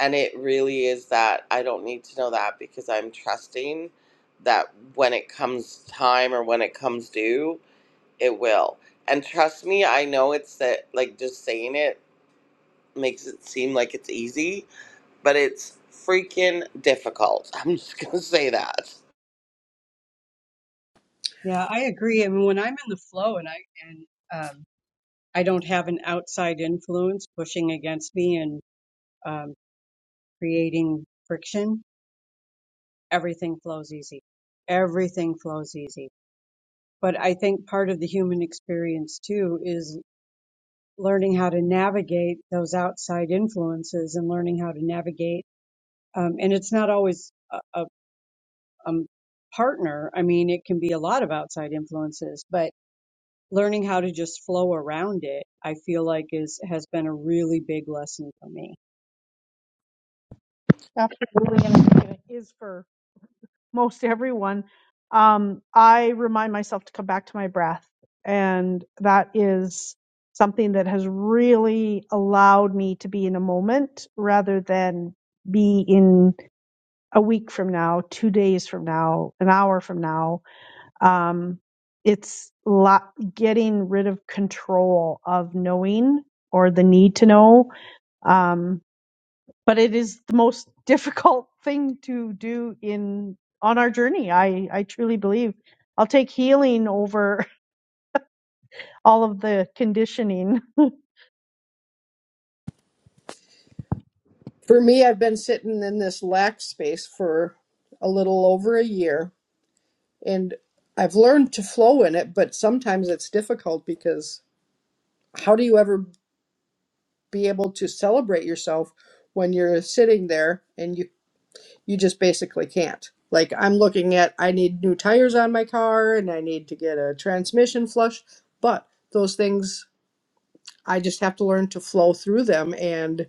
Speaker 1: And it really is that I don't need to know that because I'm trusting that when it comes time or when it comes due, it will. And trust me, I know it's that, like, just saying it makes it seem like it's easy, but it's freaking difficult. [LAUGHS] I'm just going to say that.
Speaker 3: Yeah, I agree. I mean, when I'm in the flow and I and um, I don't have an outside influence pushing against me and um, creating friction, everything flows easy. Everything flows easy. But I think part of the human experience too is learning how to navigate those outside influences and learning how to navigate. Um, and it's not always a, a, a partner. I mean, it can be a lot of outside influences, but learning how to just flow around it, I feel like is, has been a really big lesson for me.
Speaker 4: Absolutely, and I think it is for most everyone. Um, I remind myself to come back to my breath, and that is something that has really allowed me to be in a moment rather than be in a week from now, two days from now, an hour from now. Um, it's lo- getting rid of control of knowing or the need to know. Um, but it is the most [LAUGHS] difficult thing to do in on our journey. I, I truly believe I'll take healing over [LAUGHS] all of the conditioning.
Speaker 2: For me, I've been sitting in this lack space for a little over a year, and I've learned to flow in it, but sometimes it's difficult because how do you ever be able to celebrate yourself when you're sitting there and you you just basically can't. Like I'm looking at I need new tires on my car and I need to get a transmission flush, but those things I just have to learn to flow through them and.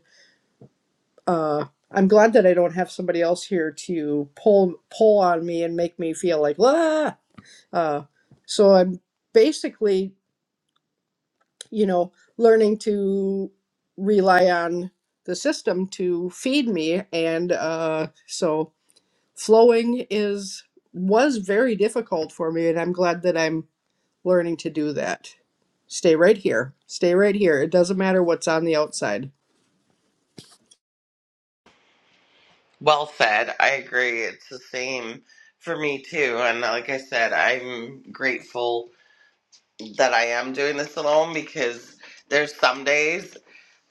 Speaker 2: uh, I'm glad that I don't have somebody else here to pull pull on me and make me feel like ah. Uh, so I'm basically, you know, learning to rely on the system to feed me, and uh, so flowing is was very difficult for me, and I'm glad that I'm learning to do that. Stay right here. Stay right here. It doesn't matter what's on the outside.
Speaker 1: Well said. I agree. It's the same for me, too. And like I said, I'm grateful that I am doing this alone because there's some days.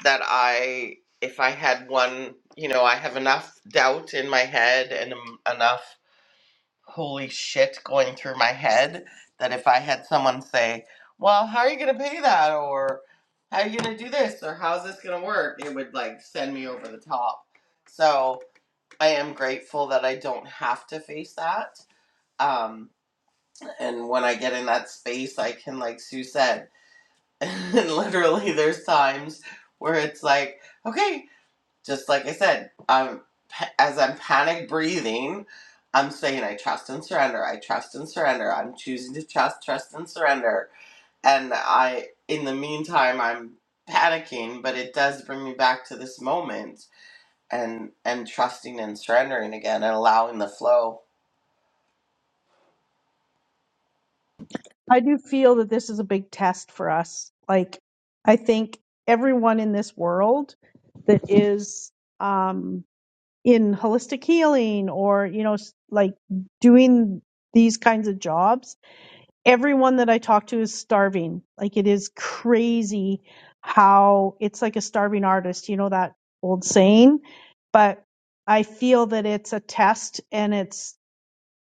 Speaker 1: that I, if I had one, you know, I have enough doubt in my head and em- enough holy shit going through my head that if I had someone say, well, how are you going to pay that? Or how are you going to do this? Or how's this going to work? It would like send me over the top. So I am grateful that I don't have to face that. Um, and when I get in that space, I can, like Sue said, [LAUGHS] and literally there's times where it's like, okay, just like I said, um, as I'm panic breathing, I'm saying I trust and surrender. I trust and surrender. I'm choosing to trust, trust and surrender. And I, in the meantime, I'm panicking, but it does bring me back to this moment and and trusting and surrendering again and allowing the flow.
Speaker 4: I do feel that this is a big test for us. Like I think everyone in this world that is um, in holistic healing or you know s- like doing these kinds of jobs everyone that i talk to is starving like it is crazy how it's like a starving artist you know that old saying but i feel that it's a test and it's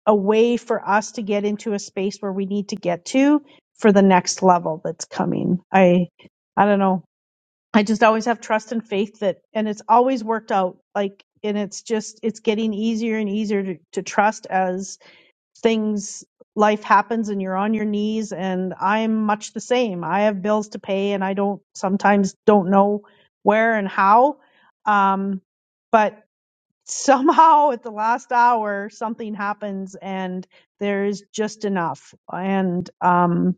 Speaker 4: a way for us to get into a space where we need to get to for the next level that's coming i i don't know I just always have trust and faith that, and it's always worked out. Like, and it's just, it's getting easier and easier to, to trust as things, life happens and you're on your knees. And I'm much the same. I have bills to pay and I don't, sometimes don't know where and how. Um, but somehow at the last hour, something happens and there's just enough. And, um,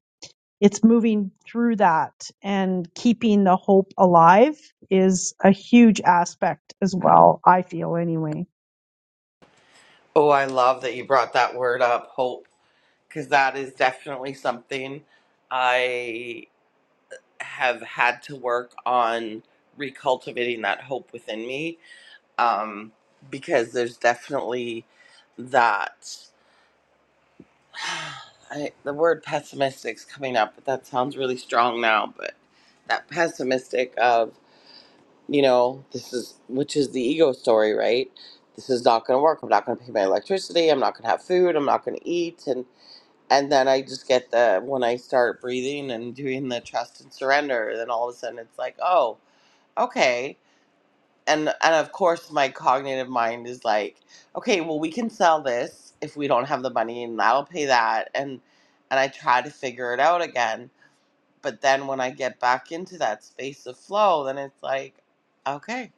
Speaker 4: it's moving through that and keeping the hope alive is a huge aspect as well i feel anyway
Speaker 1: Oh, I love that you brought that word up, hope, because that is definitely something I have had to work on recultivating that hope within me um, because there's definitely that. [SIGHS] I, the word pessimistic's coming up, but that sounds really strong now. But that pessimistic of, you know, this is, which is the ego story, right? This is not going to work. I'm not going to pay my electricity. I'm not going to have food. I'm not going to eat. And, and then I just get the, when I start breathing and doing the trust and surrender, then all of a sudden it's like, oh, okay and and of course my cognitive mind is like okay well we can sell this if we don't have the money and that will pay that and and i try to figure it out again but then when i get back into that space of flow then it's like okay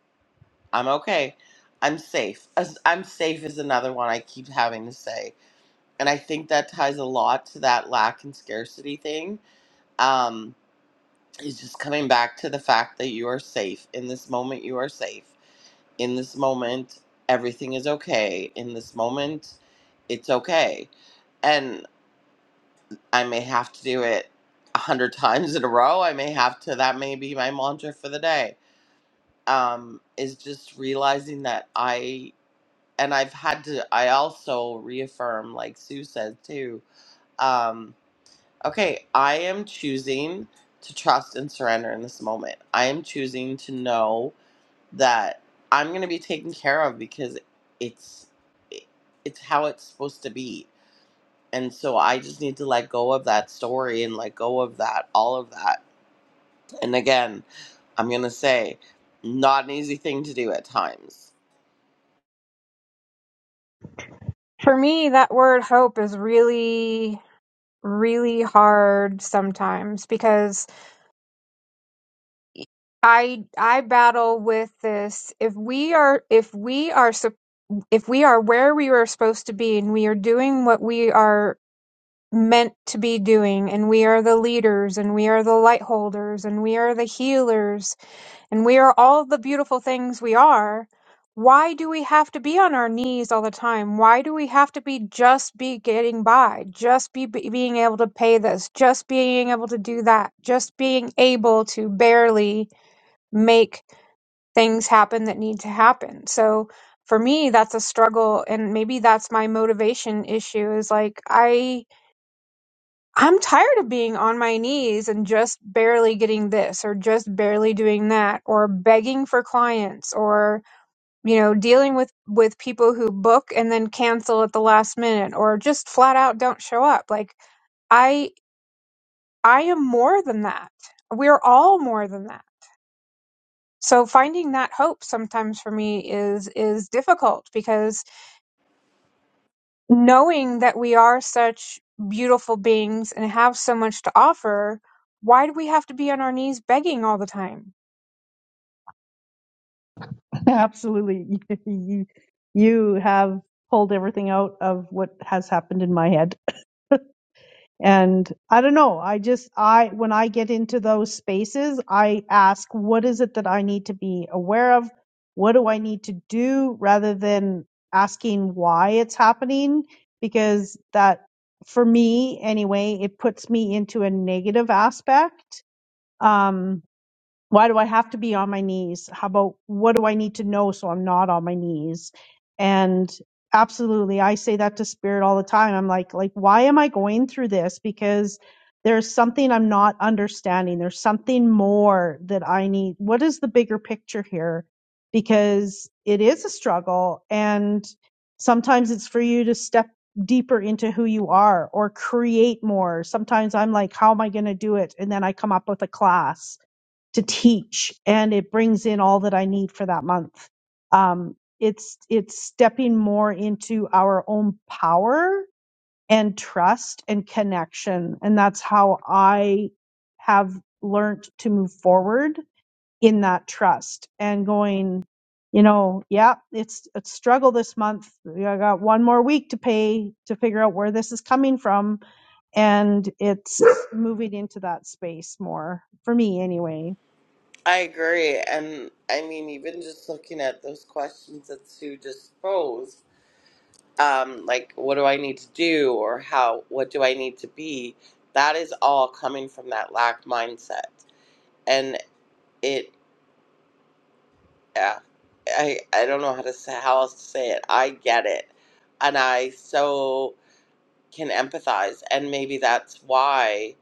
Speaker 1: i'm okay i'm safe As- i'm safe is another one i keep having to say and i think that ties a lot to that lack and scarcity thing um is just coming back to the fact that you are safe in this moment you are safe in this moment everything is okay in this moment it's okay and i may have to do it a hundred [LAUGHS] times in a row i may have to that may be my mantra for the day um is just realizing that i and i've had to i also reaffirm like sue said too um okay i am choosing to trust and surrender in this moment i am choosing to know that I'm gonna be taken care of because it's it- it's how it's supposed to be. And so I just need to let go of that story and let go of that all of that. And again, I'm gonna say, not an easy thing to do at times.
Speaker 6: For me, that word hope is really really hard sometimes because I I battle with this if we are if we are sup- if we are where we are supposed to be and we are doing what we are meant to be doing and we are the leaders and we are the light holders and we are the healers and we are all the beautiful things we are why do we have to be on our knees all the time why do we have to be just be getting by just be, be being able to pay this just being able to do that just being able to barely make things happen that need to happen so for me that's a struggle and maybe that's my motivation issue is like i I'm tired of being on my knees and just barely getting this or just barely doing that or begging for clients or you know dealing with with people who book and then cancel at the last minute or just flat out don't show up like I I am more than that. We're all more than that. So finding that hope sometimes for me is is difficult because knowing that we are such beautiful beings and have so much to offer, why do we have to be on our knees begging all the time?
Speaker 4: [LAUGHS] absolutely [LAUGHS] you you have pulled everything out of what has happened in my head And I don't know. I just, I, when I get into those spaces, I ask, what is it that I need to be aware of? What do I need to do rather than asking why it's happening? Because that, for me anyway, it puts me into a negative aspect. Um, why do I have to be on my knees? How about what do I need to know so I'm not on my knees? And absolutely, I say that to spirit all the time. I'm like, like, why am I going through this? Because there's something I'm not understanding. There's something more that I need. What is the bigger picture here? Because it is a struggle and sometimes it's for you to step deeper into who you are or create more. Sometimes I'm like, how am I going to do it? And then I come up with a class to teach and it brings in all that I need for that month. Um, it's, it's stepping more into our own power and trust and connection. And that's how I have learned to move forward in that trust and going, you know, yeah, it's a struggle this month. Yeah, I got one more week to pay to figure out where this is coming from. And it's [LAUGHS] moving into that space more for me anyway.
Speaker 1: I agree, and I mean even just looking at those questions that Sue just posed. um, like what do I need to do or how what do I need to be, that is all coming from that lack mindset. And it, yeah, I I don't know how to say how else to say it. I get it, and I so can empathize. And maybe that's why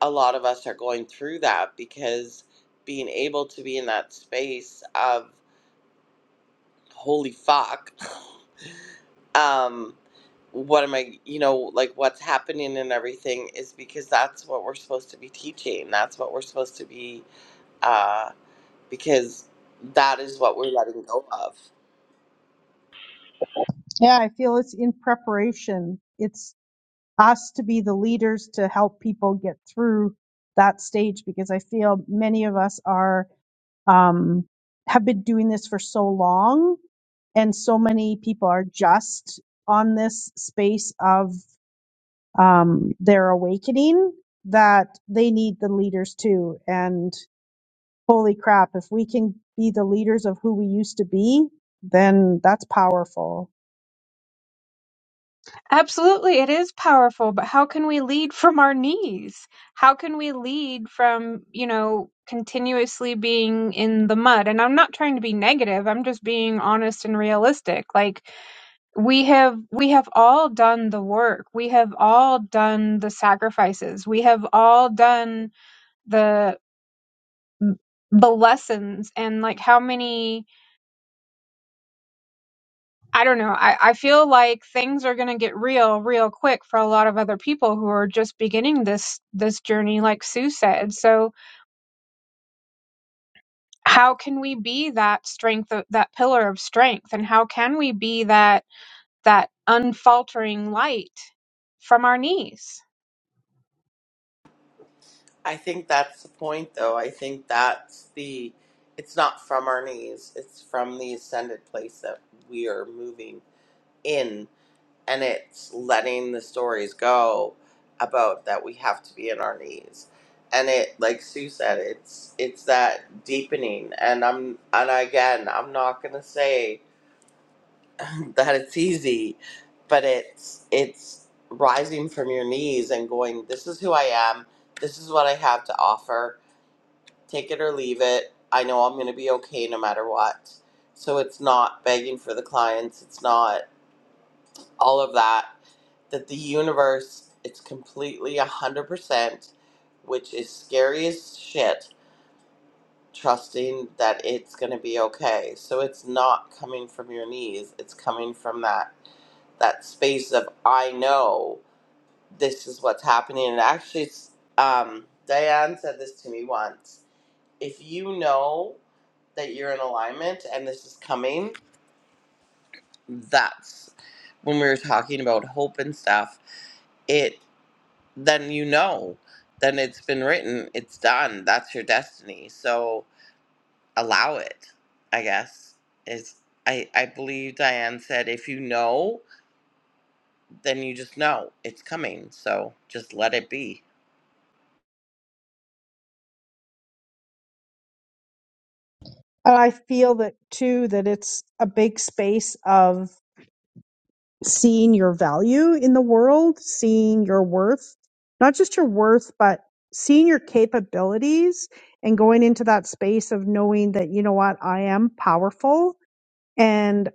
Speaker 1: a lot of us are going through that because being able to be in that space of. holy fuck [LAUGHS] um what am i you know like what's happening and everything is because that's what we're supposed to be teaching that's what we're supposed to be uh because that is what we're letting go of
Speaker 4: Yeah, I feel it's in preparation. It's us to be the leaders to help people get through that stage because I feel many of us are um, have been doing this for so long, and so many people are just on this space of um, their awakening that they need the leaders too. And holy crap, if we can be the leaders of who we used to be, then that's powerful.
Speaker 6: Absolutely, it is powerful, but how can we lead from our knees? How can we lead from, you know, continuously being in the mud? And I'm not trying to be negative, I'm just being honest and realistic. Like we have we have all done the work. We have all done the sacrifices. We have all done the the lessons and like how many i don't know i, I feel like things are going to get real real quick for a lot of other people who are just beginning this this journey like sue said so how can we be that strength of- that pillar of strength and how can we be that that unfaltering light from our knees
Speaker 1: i think that's the point though i think that's the it's not from our knees it's from the ascended place that we are moving in and it's letting the stories go about that we have to be in our knees and it like sue said it's it's that deepening and i'm and again i'm not gonna say [LAUGHS] that it's easy but it's it's rising from your knees and going this is who i am this is what i have to offer take it or leave it i know i'm gonna be okay no matter what so it's not begging for the clients it's not all of that that the universe it's completely 100% which is scary as shit trusting that it's going to be okay so it's not coming from your knees it's coming from that that space of i know this is what's happening and actually it's, um, diane said this to me once if you know that you're in alignment and this is coming that's when we were talking about hope and stuff It. then you know, then it's been written, it's done. That's your destiny. So allow it, I guess. Is I I believe Diane said if you know, then you just know it's coming. So just let it be.
Speaker 4: And I feel that too, that it's a big space of seeing your value in the world, seeing your worth, not just your worth, but seeing your capabilities and going into that space of knowing that, you know what, I am powerful and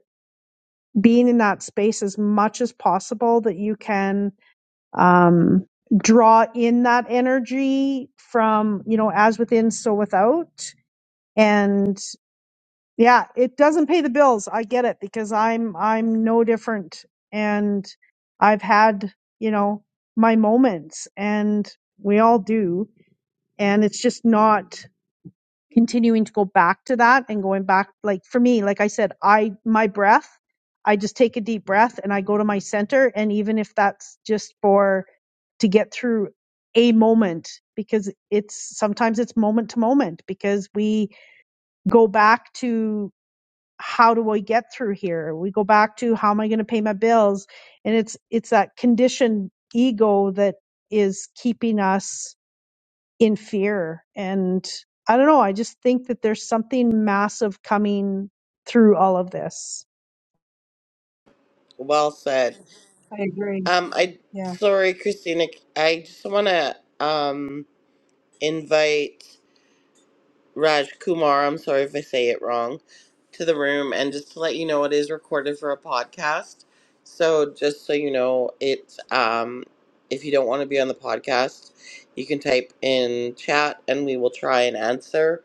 Speaker 4: being in that space as much as possible that you can, um, draw in that energy from, you know, as within, so without and. Yeah, it doesn't pay the bills. I get it because I'm I'm no different and I've had, you know, my moments and we all do and it's just not continuing to go back to that and going back like for me, like I said, I my breath, I just take a deep breath and I go to my center and even if that's just for to get through a moment because it's sometimes it's moment to moment because we go back to how do I get through here? We go back to how am I going to pay my bills? And it's it's that conditioned ego that is keeping us in fear. And I don't know, I just think that there's something massive coming through all of this.
Speaker 1: Well said.
Speaker 3: I agree.
Speaker 1: Um I
Speaker 3: Yeah.
Speaker 1: sorry Christina, I just want to um invite Raj Kumar, I'm sorry if I say it wrong, to the room. And just to let you know, it is recorded for a podcast. So just so you know, it's um, if you don't want to be on the podcast, you can type in chat and we will try and answer.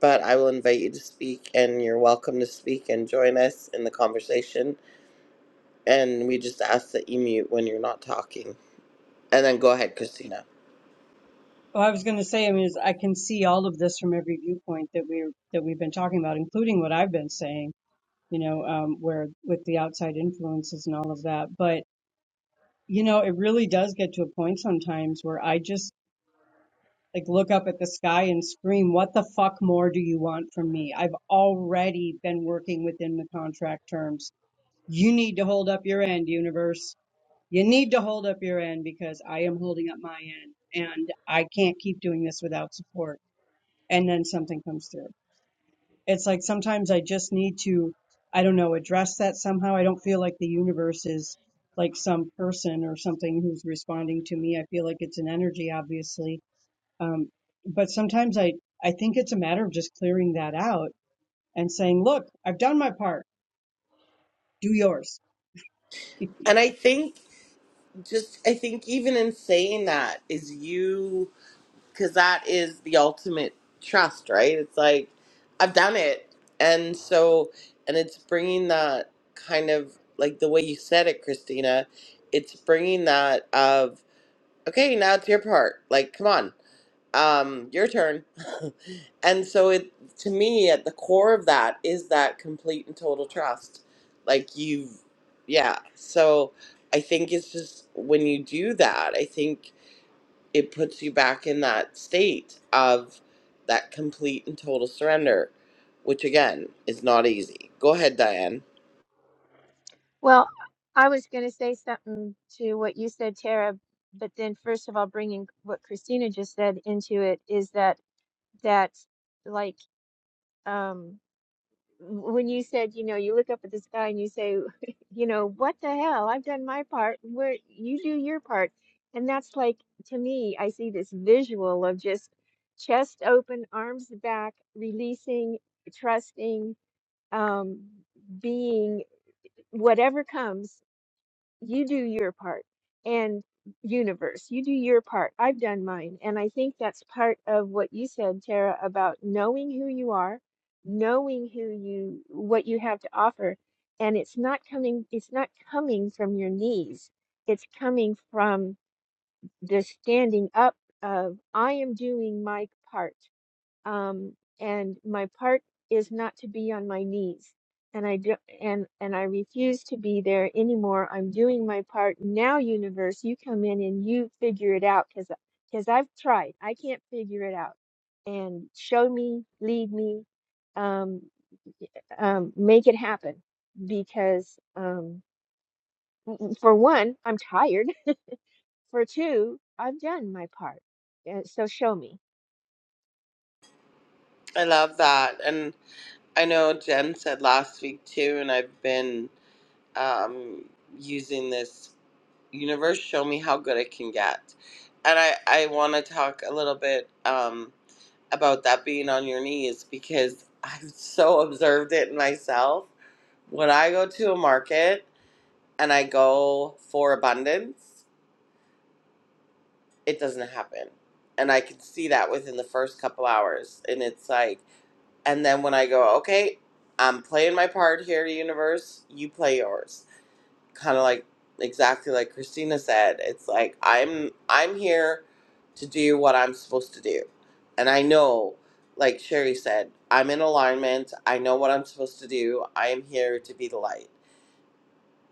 Speaker 1: But I will invite you to speak, and you're welcome to speak and join us in the conversation. And we just ask that you mute when you're not talking. And then go ahead, Christina.
Speaker 3: Well, I was going to say, I mean, is I can see all of this from every viewpoint that we're that we've been talking about, including what I've been saying, you know, um, where with the outside influences and all of that. But You know, it really does get to a point sometimes where I just like look up at the sky and scream, What the fuck more do you want from me? I've already been working within the contract terms. You need to hold up your end, universe. You need to hold up your end because I am holding up my end and I can't keep doing this without support. And then something comes through. It's like sometimes I just need to, I don't know, address that somehow. I don't feel like the universe is like some person or something who's responding to me. I feel like it's an energy, obviously. Um, but sometimes I, I think it's a matter of just clearing that out and saying, look, I've done my part. Do yours.
Speaker 1: And I think just, I think even in saying that is you because that is the ultimate trust, right? It's like I've done it, and so and it's bringing that kind of like the way you said it, Christina. It's bringing that of okay, now it's your part. Like, come on, um, your turn. [LAUGHS] and so it to me at the core of that is that complete and total trust. Like you've, yeah. So I think it's just when you do that, I think it puts you back in that state of that complete and total surrender, which again is not easy. Go ahead, Diane.
Speaker 5: Well, I was going to say something to what you said, Tara, but then first of all, bringing what Christina just said into it is that that like um w- when you said, you know, you look up at the sky and you say, [LAUGHS] you know, what the hell? I've done my part. Where you do your part. And that's like to me, I see this visual of just chest open, arms back, releasing, trusting, um being whatever comes you do your part and universe you do your part i've done mine and i think that's part of what you said tara about knowing who you are knowing who you what you have to offer and it's not coming it's not coming from your knees it's coming from the standing up of i am doing my part um, and my part is not to be on my knees and i do, and and i refuse to be there anymore i'm doing my part now universe you come in and you figure it out because because i've tried i can't figure it out and show me lead me um, um, make it happen because um, for one i'm tired [LAUGHS] for two i've done my part Uh, so show me
Speaker 1: I love that. And I know Jen said last week too, and I've been um, using this universe, show me how good it can get. And I, I want to talk a little bit um, about that being on your knees because [LAUGHS] I've so observed it in myself. When I go to a market, and I go for abundance, it doesn't happen. And I can see that within the first couple hours. And it's like, and then when I go, okay, I'm playing my part here, universe, you play yours. Kind of like exactly like Christina said, it's like I'm I'm here to do what I'm supposed to do. And I know, like Sherry said, I'm in alignment. I know what I'm supposed to do. I am here to be the light.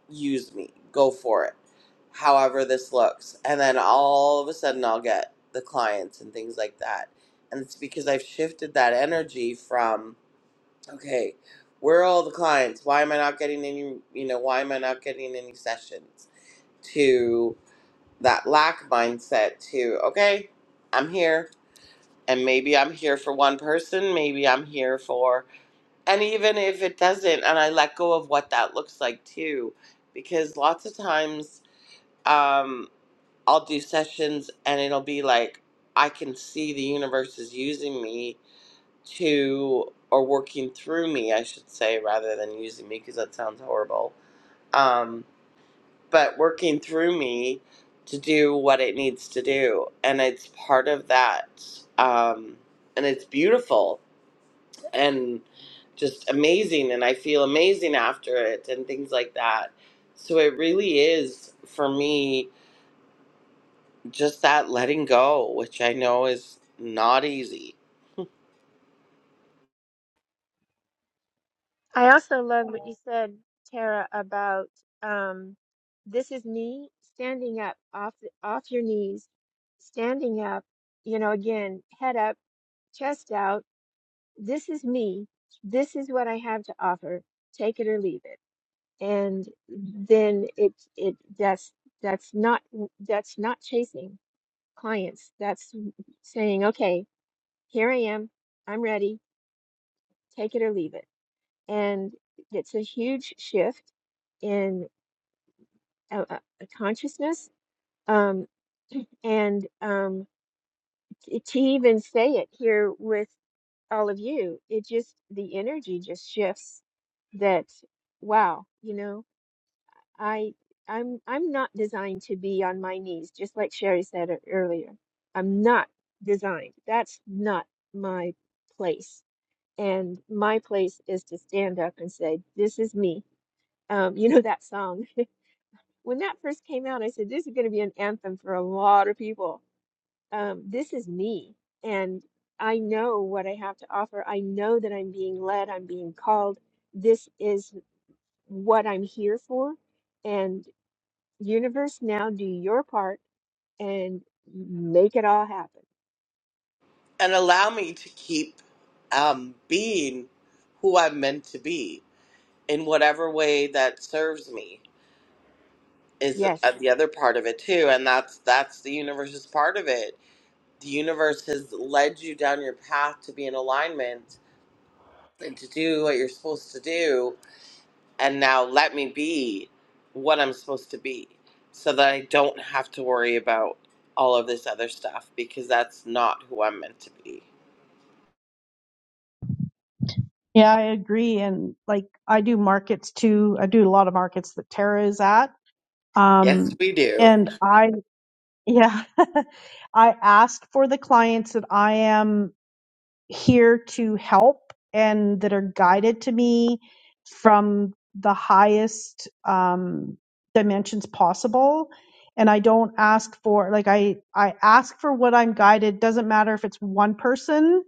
Speaker 1: use me, go for it, however this looks. And then all of a sudden, I'll get the clients and things like that. And it's because I've shifted that energy from, okay, where are all the clients? Why am I not getting any, you know, why am I not getting any sessions? To that lack mindset to, okay, I'm here. And maybe I'm here for one person, maybe I'm here for, and even if it doesn't, and I let go of what that looks like too, because lots of times um, I'll do sessions and it'll be like I can see the universe is using me to or working through me, I should say, rather than using me because that sounds horrible. Um, but working through me to do what it needs to do, and it's part of that, um, and it's beautiful and just amazing, and I feel amazing after it and things like that. So it really is for me just that letting go, which I know is not easy,
Speaker 5: I also love what you said, Tara, about um, this is me standing up off the, off your knees, standing up. You know, again, head up, chest out. This is me. This is what I have to offer. Take it or leave it. And then it it that's that's not that's not chasing clients. That's saying, okay, here I am. I'm ready. Take it or leave it and it's a huge shift in uh, uh, consciousness. Um, and um, t- to even say it here with all of you, it just the energy just shifts. That wow, you know, I I'm I'm not designed to be on my knees, just like Sherry said ear- earlier. I'm not designed. That's not my place. And my place is to stand up and say, "This is me." Um, you know that song. when that first came out, I said, this is going to be an anthem for a lot of people. Um, this is me. And I know what I have to offer. I know that I'm being led, I'm being called. This is what I'm here for. And universe, now do your part and make it all happen.
Speaker 1: and allow me to keep um, being who I'm meant to be in whatever way that serves me is
Speaker 5: Yes.
Speaker 1: uh, the other part of it too, and that's that's the universe's part of it. The universe has led you down your path to be in alignment and to do what you're supposed to do and now let me be what I'm supposed to be so that I don't have to worry about all of this other stuff because that's not who I'm meant to be.
Speaker 4: Yeah, I agree. And like I do markets too. I do a lot of markets that Tara is at.
Speaker 1: Yes,
Speaker 4: Um
Speaker 1: we do.
Speaker 4: and I yeah, [LAUGHS] I ask for the clients that I am here to help and that are guided to me from the highest um, dimensions possible and i don't ask for like i i ask for what i'm guided doesn't matter if it's one person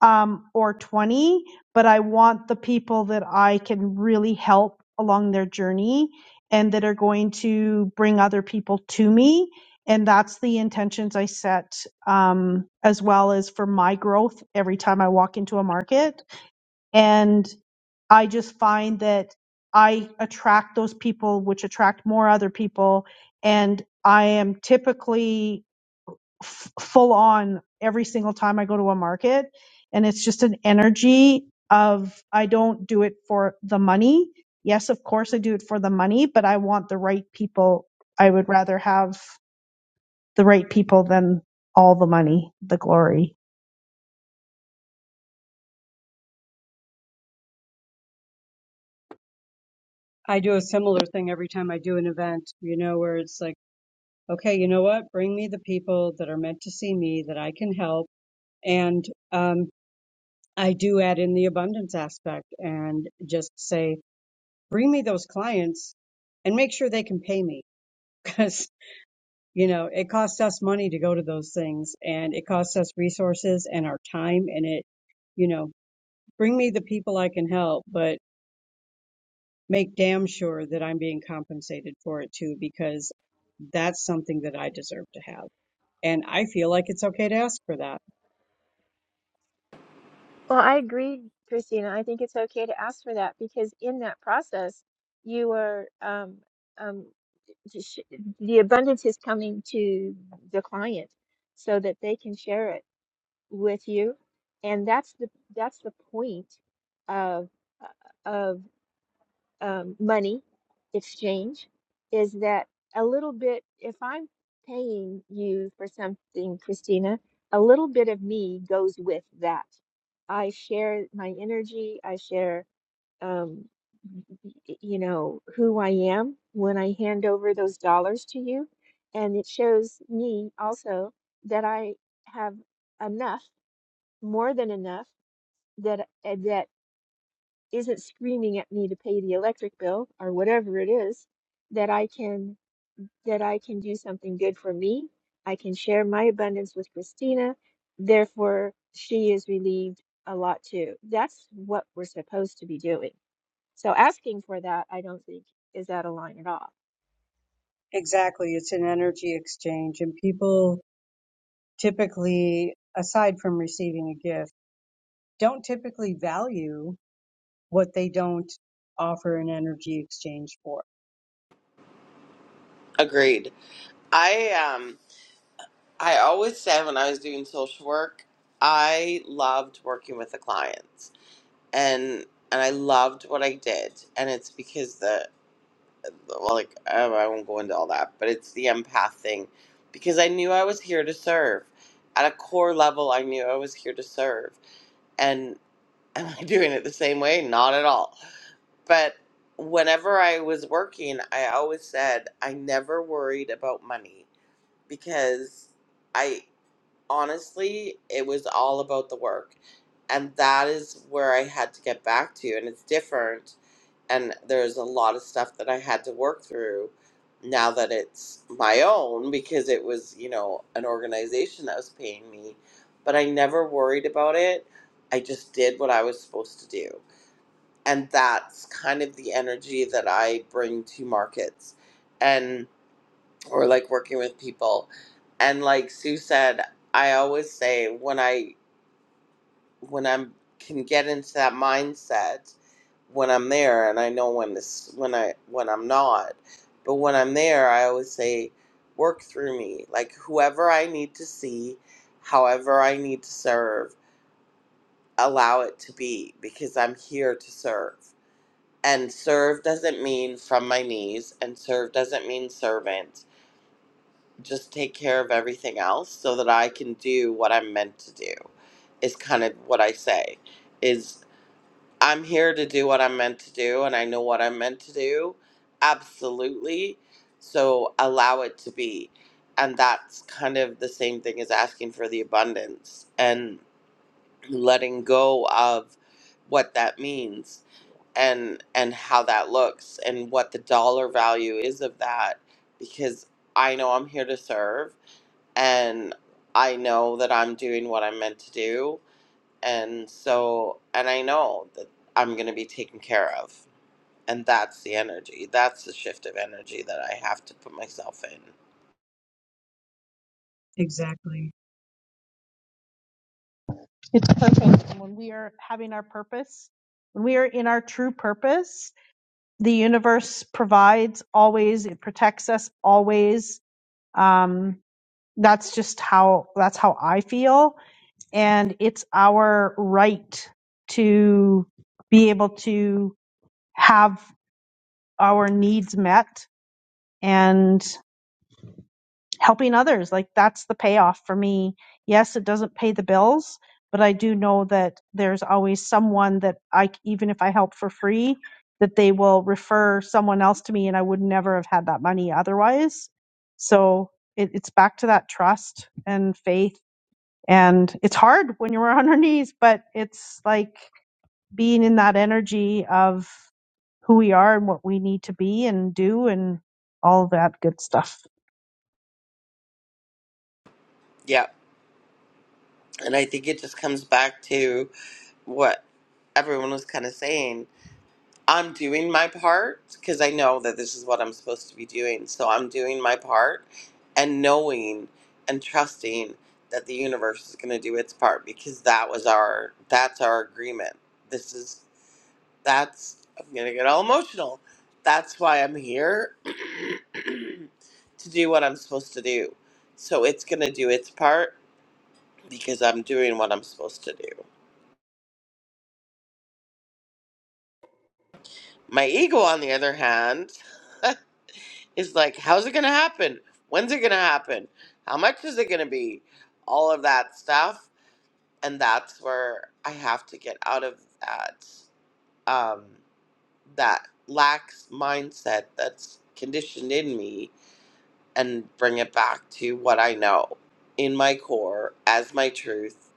Speaker 4: um, or 20, but I want the people that I can really help along their journey and that are going to bring other people to me. And that's the intentions I set, um, as well as for my growth every time I walk into a market. And I just find that I attract those people, which attract more other people. And I am typically f- full on every single time I go to a market. And it's just an energy of I don't do it for the money. Yes, of course I do it for the money, but I want the right people. I would rather have the right people than all the money, the glory.
Speaker 3: I do a similar thing every time I do an event, you know, where it's like, okay, you know what? Bring me the people that are meant to see me that I can help. And, um, I do add in the abundance aspect and just say, bring me those clients and make sure they can pay me [LAUGHS] because, you know, it costs us money to go to those things and it costs us resources and our time and it, you know, bring me the people I can help, but make damn sure that I'm being compensated for it too because that's something that I deserve to have. And I feel like it's okay to ask for that.
Speaker 5: Well, I agree, Christina. I think it's okay to ask for that because in that process, you are um, um, to sh- the abundance is coming to the client so that they can share it with you, and that's the that's the point of uh, of um, money exchange is that a little bit, if I'm paying you for something, Christina, a little bit of me goes with that. I share my energy, I share, um, y- y- you know, who I am when I hand over those dollars to you. And it shows me also that I have enough, more than enough, that eh, that isn't screaming at me to pay the electric bill or whatever it is that I can that I can do something good for me. I can share my abundance with Christina. Therefore, she is relieved a lot too. That's what we're supposed to be doing. So asking for that, I don't think is out of line at all.
Speaker 3: Exactly. It's an energy exchange and people typically, aside from receiving a gift, don't typically value what they don't offer an energy exchange for.
Speaker 1: Agreed. I um I always said when I was doing social work, I loved working with the clients and and I loved what I did and it's because the Well, like oh, I won't go into all that, but it's the empath thing because I knew I was here to serve. At a core level, I knew I was here to serve. And [LAUGHS] am I doing it the same way? Not at all. But whenever I was working, I always said I never worried about money because I honestly, it was all about the work. And that is where I had to get back to. And it's different and there's a lot of stuff that I had to work through now that it's my own because it was, you know, an organization that was paying me, but I never worried about it. I just did what I was supposed to do. And that's kind of the energy that I bring to markets and or like working with people. And like Sue said, I always say when I when I can get into that mindset when I'm there, and I know when this when I when I'm not, but when I'm there, I always say, work through me. Like whoever I need to see, however I need to serve, allow it to be because I'm here to serve. And serve doesn't mean from my knees, and serve doesn't mean servant. Just take care of everything else so that I can do what I'm meant to do, is kind of what I say. Is I'm here to do what I'm meant to do and I know what I'm meant to do. Absolutely. So allow it to be. And that's kind of the same thing as asking for the abundance and letting go of what that means and and how that looks and what the dollar value is of that because I know I'm here to serve and I know that I'm doing what I'm meant to do and so and i know that i'm going to be taken care of and that's the energy that's the shift of energy that i have to put myself in
Speaker 3: Exactly.
Speaker 4: It's purpose. And when we are having our purpose, when we are in our true purpose, the universe provides always, it protects us always. Um, that's just how that's how I feel and it's our right to be able to have our needs met and helping others like that's the payoff for me yes it doesn't pay the bills but i do know that there's always someone that i c- even if i help for free that they will refer someone else to me and i would never have had that money otherwise so it, it's back to that trust and faith and it's hard when you're on our knees but it's like being in that energy of who we are and what we need to be and do and all that good stuff.
Speaker 1: yeah and i think it just comes back to what everyone was kind of saying i'm doing my part because i know that this is what i'm supposed to be doing so i'm doing my part and knowing and trusting that the universe is going to do its part because that was our that's our agreement this is that's I'm gonna get all emotional. That's why I'm here [CLEARS THROAT] to do what I'm supposed to do. So it's gonna do its part because I'm doing what I'm supposed to do. My ego, on the other hand, [LAUGHS] is like, how's it gonna happen? When's it gonna happen? How much is it gonna be? All of that stuff, and that's where I have to get out of that um, that lax mindset that's conditioned in me and bring it back to what I know in my core as my truth.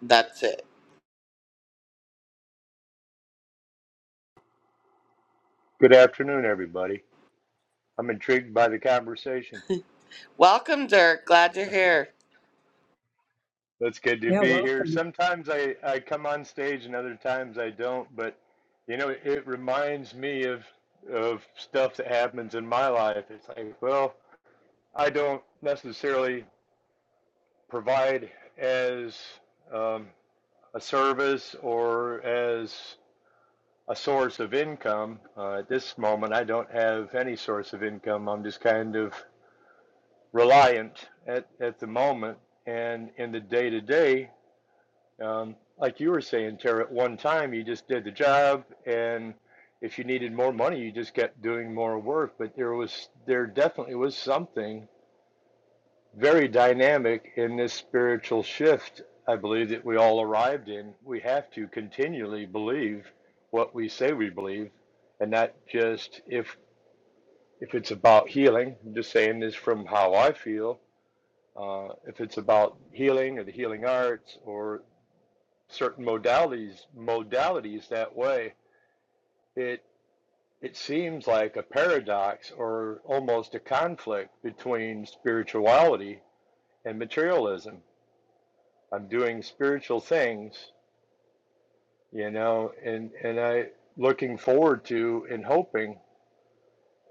Speaker 1: That's it.
Speaker 7: Good afternoon, everybody. I'm intrigued by the conversation.
Speaker 1: Welcome, Dirk. Glad you're here.
Speaker 7: That's good to
Speaker 3: Yeah,
Speaker 7: be here.
Speaker 3: welcome.
Speaker 7: Sometimes I, I come on stage and other times I don't, but you know, it reminds me of of stuff that happens in my life. It's like, well, I don't necessarily provide as um, a service or as a source of income. Uh, at this moment, I don't have any source of income. I'm just kind of reliant at, at the moment and in the day to day. Um, like you were saying, Tara, at one time you just did the job, and if you needed more money, you just kept doing more work. But there was there definitely was something very dynamic in this spiritual shift. I believe that we all arrived in. We have to continually believe what we say we believe, and not just if if it's about healing. I'm just saying this from how I feel Uh, if it's about healing or the healing arts or certain modalities, modalities that way, it it seems like a paradox or almost a conflict between spirituality and materialism. I'm doing spiritual things, you know, and and I looking forward to and hoping,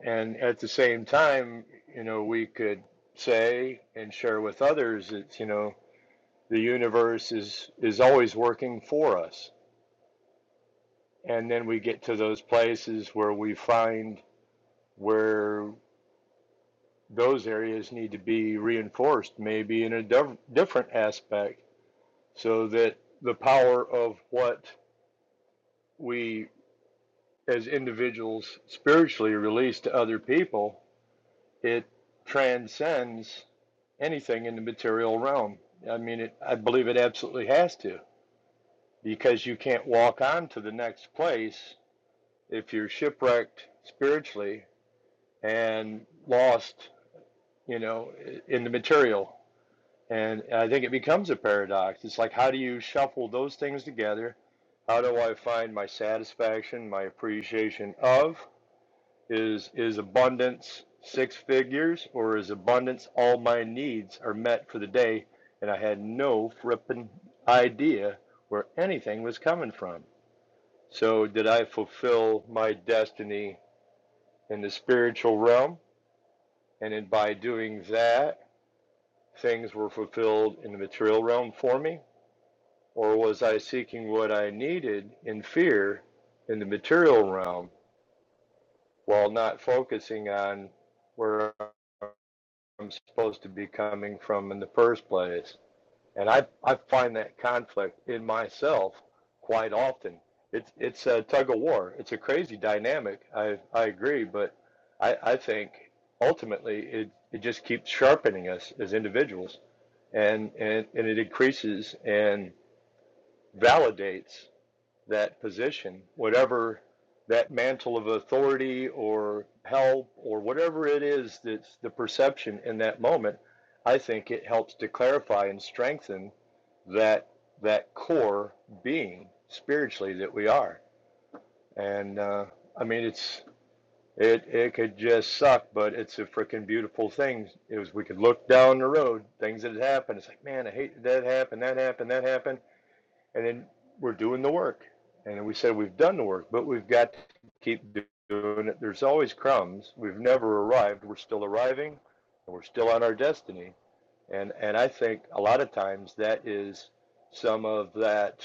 Speaker 7: and at the same time, you know, we could say and share with others that you know the universe is is always working for us And then we get to those places where we find where those areas need to be reinforced, maybe in a div- different aspect, so that the power of what we as individuals spiritually release to other people, it transcends anything in the material realm. I mean, it, I believe it absolutely has to, because you can't walk on to the next place if you're shipwrecked spiritually and lost you know, in the material. And I think it becomes a paradox. It's like, how do you shuffle those things together? How do I find my satisfaction, my appreciation of? Is is abundance six figures, or is abundance all my needs are met for the day? And I had no frippin' idea where anything was coming from. So did I fulfill my destiny in the spiritual realm? And then by doing that, things were fulfilled in the material realm for me? Or was I seeking what I needed in fear in the material realm while not focusing on where I'm supposed to be coming from in the first place? And I, I find that conflict in myself quite often. It's, it's a tug of war. It's a crazy dynamic. I, I agree, but I, I think ultimately it, it just keeps sharpening us as individuals and, and, and it increases and validates that position, whatever that mantle of authority or help or whatever it is that's the perception in that moment. I think it helps to clarify and strengthen that that core being spiritually that we are. And uh, I mean, it's it it could just suck, but it's a freaking beautiful thing. Is we could look down the road, things that had happened. It's like, man, I hate that happened, that happened, that happened, and then we're doing the work. And then we said we've done the work, but we've got to keep doing it. There's always crumbs. We've never arrived. We're still arriving, and we're still on our destiny. And and I think a lot of times that is some of that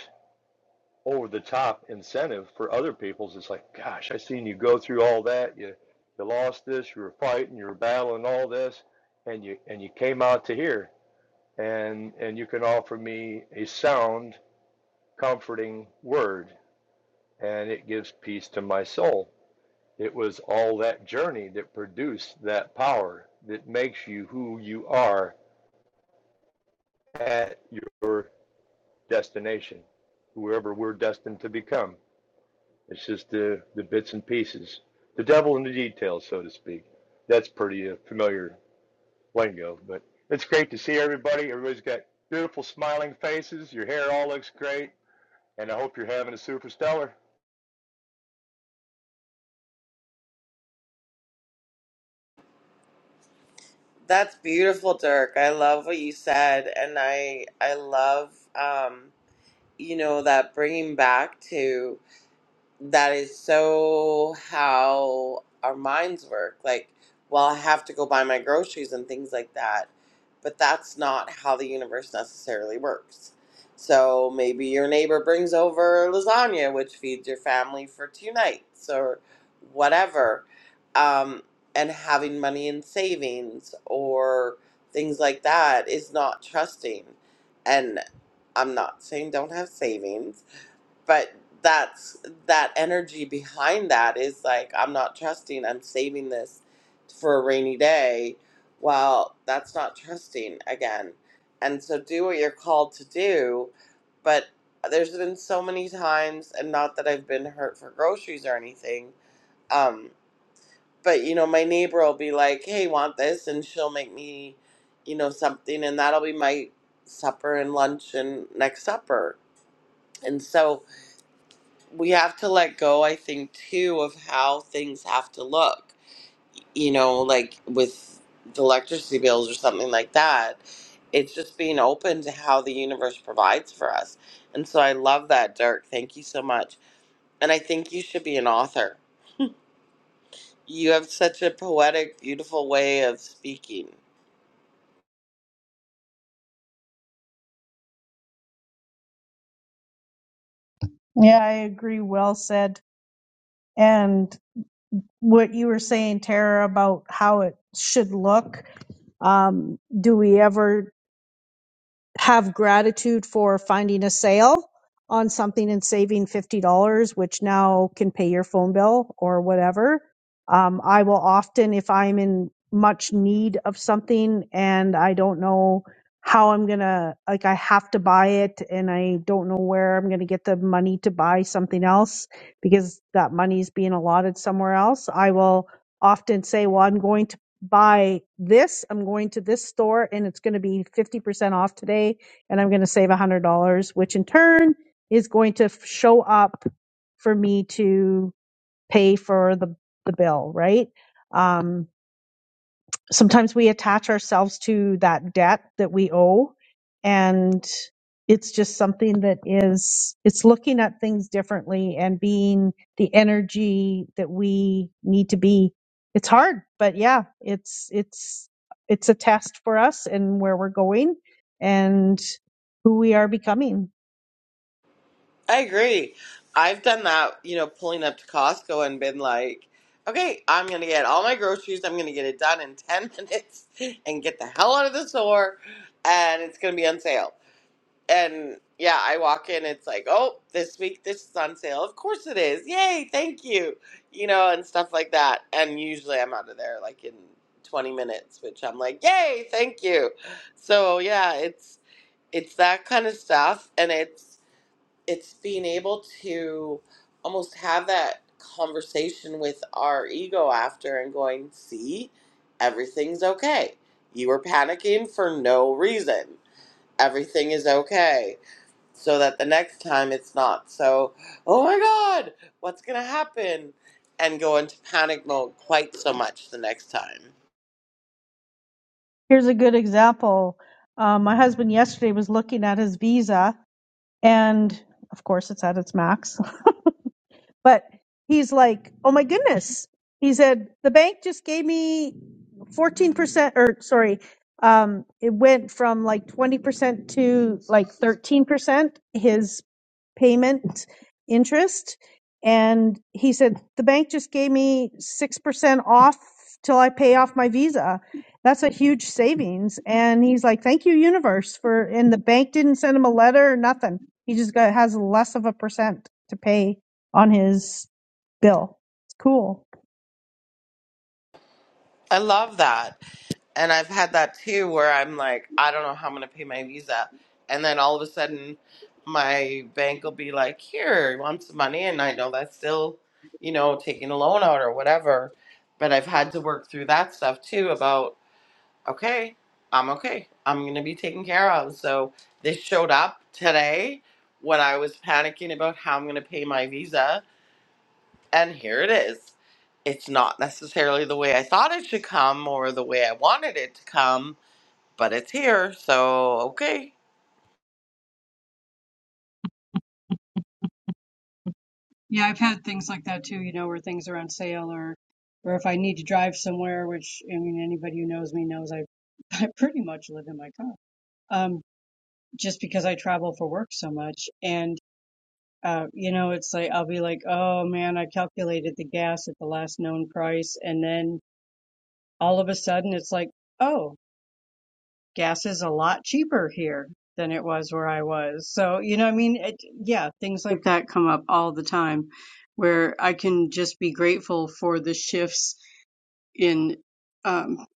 Speaker 7: over the top incentive for other people's. It's like, gosh, I seen you go through all that. You you lost this. You were fighting. You were battling all this, and you and you came out to here, and and you can offer me a sound, comforting word, and it gives peace to my soul. It was all that journey that produced that power that makes you who you are at your destination, whoever we're destined to become. It's just the the bits and pieces, the devil in the details, so to speak. That's pretty uh, familiar lingo, but it's great to see everybody. Everybody's got beautiful smiling faces. Your hair all looks great, and I hope you're having a super stellar.
Speaker 1: That's beautiful, Dirk. I love what you said, and I I love um, you know that bringing back to that is so how our minds work. Like, well, I have to go buy my groceries and things like that, but that's not how the universe necessarily works. So maybe your neighbor brings over lasagna, which feeds your family for two nights or whatever, um, and having money in savings or things like that is not trusting. And I'm not saying don't have savings, but that's that energy behind that is like i'm not trusting i'm saving this for a rainy day well that's not trusting again and so do what you're called to do but there's been so many times and not that i've been hurt for groceries or anything um but you know my neighbor will be like hey want this and she'll make me you know something and that'll be my supper and lunch and next supper and so we have to let go, I think, too, of how things have to look. You know, like with the electricity bills or something like that. It's just being open to how the universe provides for us. And so I love that, Dirk. Thank you so much. And I think you should be an author. You have such a poetic, beautiful way of speaking.
Speaker 4: Yeah, I agree. Well said. And what you were saying, Tara, about how it should look. Um, do we ever have gratitude for finding a sale on something and saving $50, which now can pay your phone bill or whatever. Um, I will often, if I'm in much need of something and I don't know how I'm going to, like, I have to buy it and I don't know where I'm going to get the money to buy something else because that money is being allotted somewhere else, I will often say, well, I'm going to buy this. I'm going to this store and it's going to be 50% off today and I'm going to save $100, which in turn is going to f- show up for me to pay for the, the bill, right? Um, sometimes we attach ourselves to that debt that we owe and it's just something that is it's looking at things differently and being the energy that we need to be it's hard but yeah it's it's it's a test for us and where we're going and who we are becoming
Speaker 1: I agree. I've done that, you know, pulling up to Costco and been like, okay, I'm going to get all my groceries. I'm going to get it done in 10 [LAUGHS] minutes and get the hell out of the store. And it's going to be on sale. And yeah, I walk in, it's like, oh, this week this is on sale. Of course it is. Yay, thank you. You know, and stuff like that. And usually I'm out of there like in 20 minutes, which I'm like, yay, thank you. So yeah, it's it's that kind of stuff and it's it's being able to almost have that conversation with our ego after and going, see, everything's okay. You were panicking for no reason. Everything is okay. So that the next time it's not so, oh my God, what's going to happen? And go into panic mode quite so much the next time.
Speaker 4: here's a good example um, my husband yesterday was looking at his visa and of course it's at its max But he's like, oh my goodness. He said, the bank just gave me 14%, or sorry, um, it went from like 20% to like 13%, his payment interest. And he said, the bank just gave me 6% off till I pay off my visa. That's a huge savings. And he's like, thank you, universe, for, and the bank didn't send him a letter or nothing. He just got, has less of a percent to pay on his bill. It's cool.
Speaker 1: I love that. And I've had that too where I'm like, I don't know how I'm going to pay my visa. And then all of a sudden, my bank will be like, here, you want some money? And I know that's still, you know, taking a loan out or whatever. But I've had to work through that stuff too about, okay, I'm okay. I'm going to be taken care of. So this showed up today when I was panicking about how I'm going to pay my visa and here it is. It's not necessarily the way I thought it should come or the way I wanted it to come, but it's here. So, okay.
Speaker 3: Yeah, I've had things like that too, you know, where things are on sale or or if I need to drive somewhere, which I mean anybody who knows me knows I [LAUGHS] I pretty much live in my car. Um just because I travel for work so much and uh, you know, it's like I'll be like, "Oh man, I calculated the gas at the last known price," and then all of a sudden it's like, oh, gas is a lot cheaper here than it was where I was. So, you know, what I mean, it, yeah, things like that come up all the time where I can just be grateful for the shifts in, um,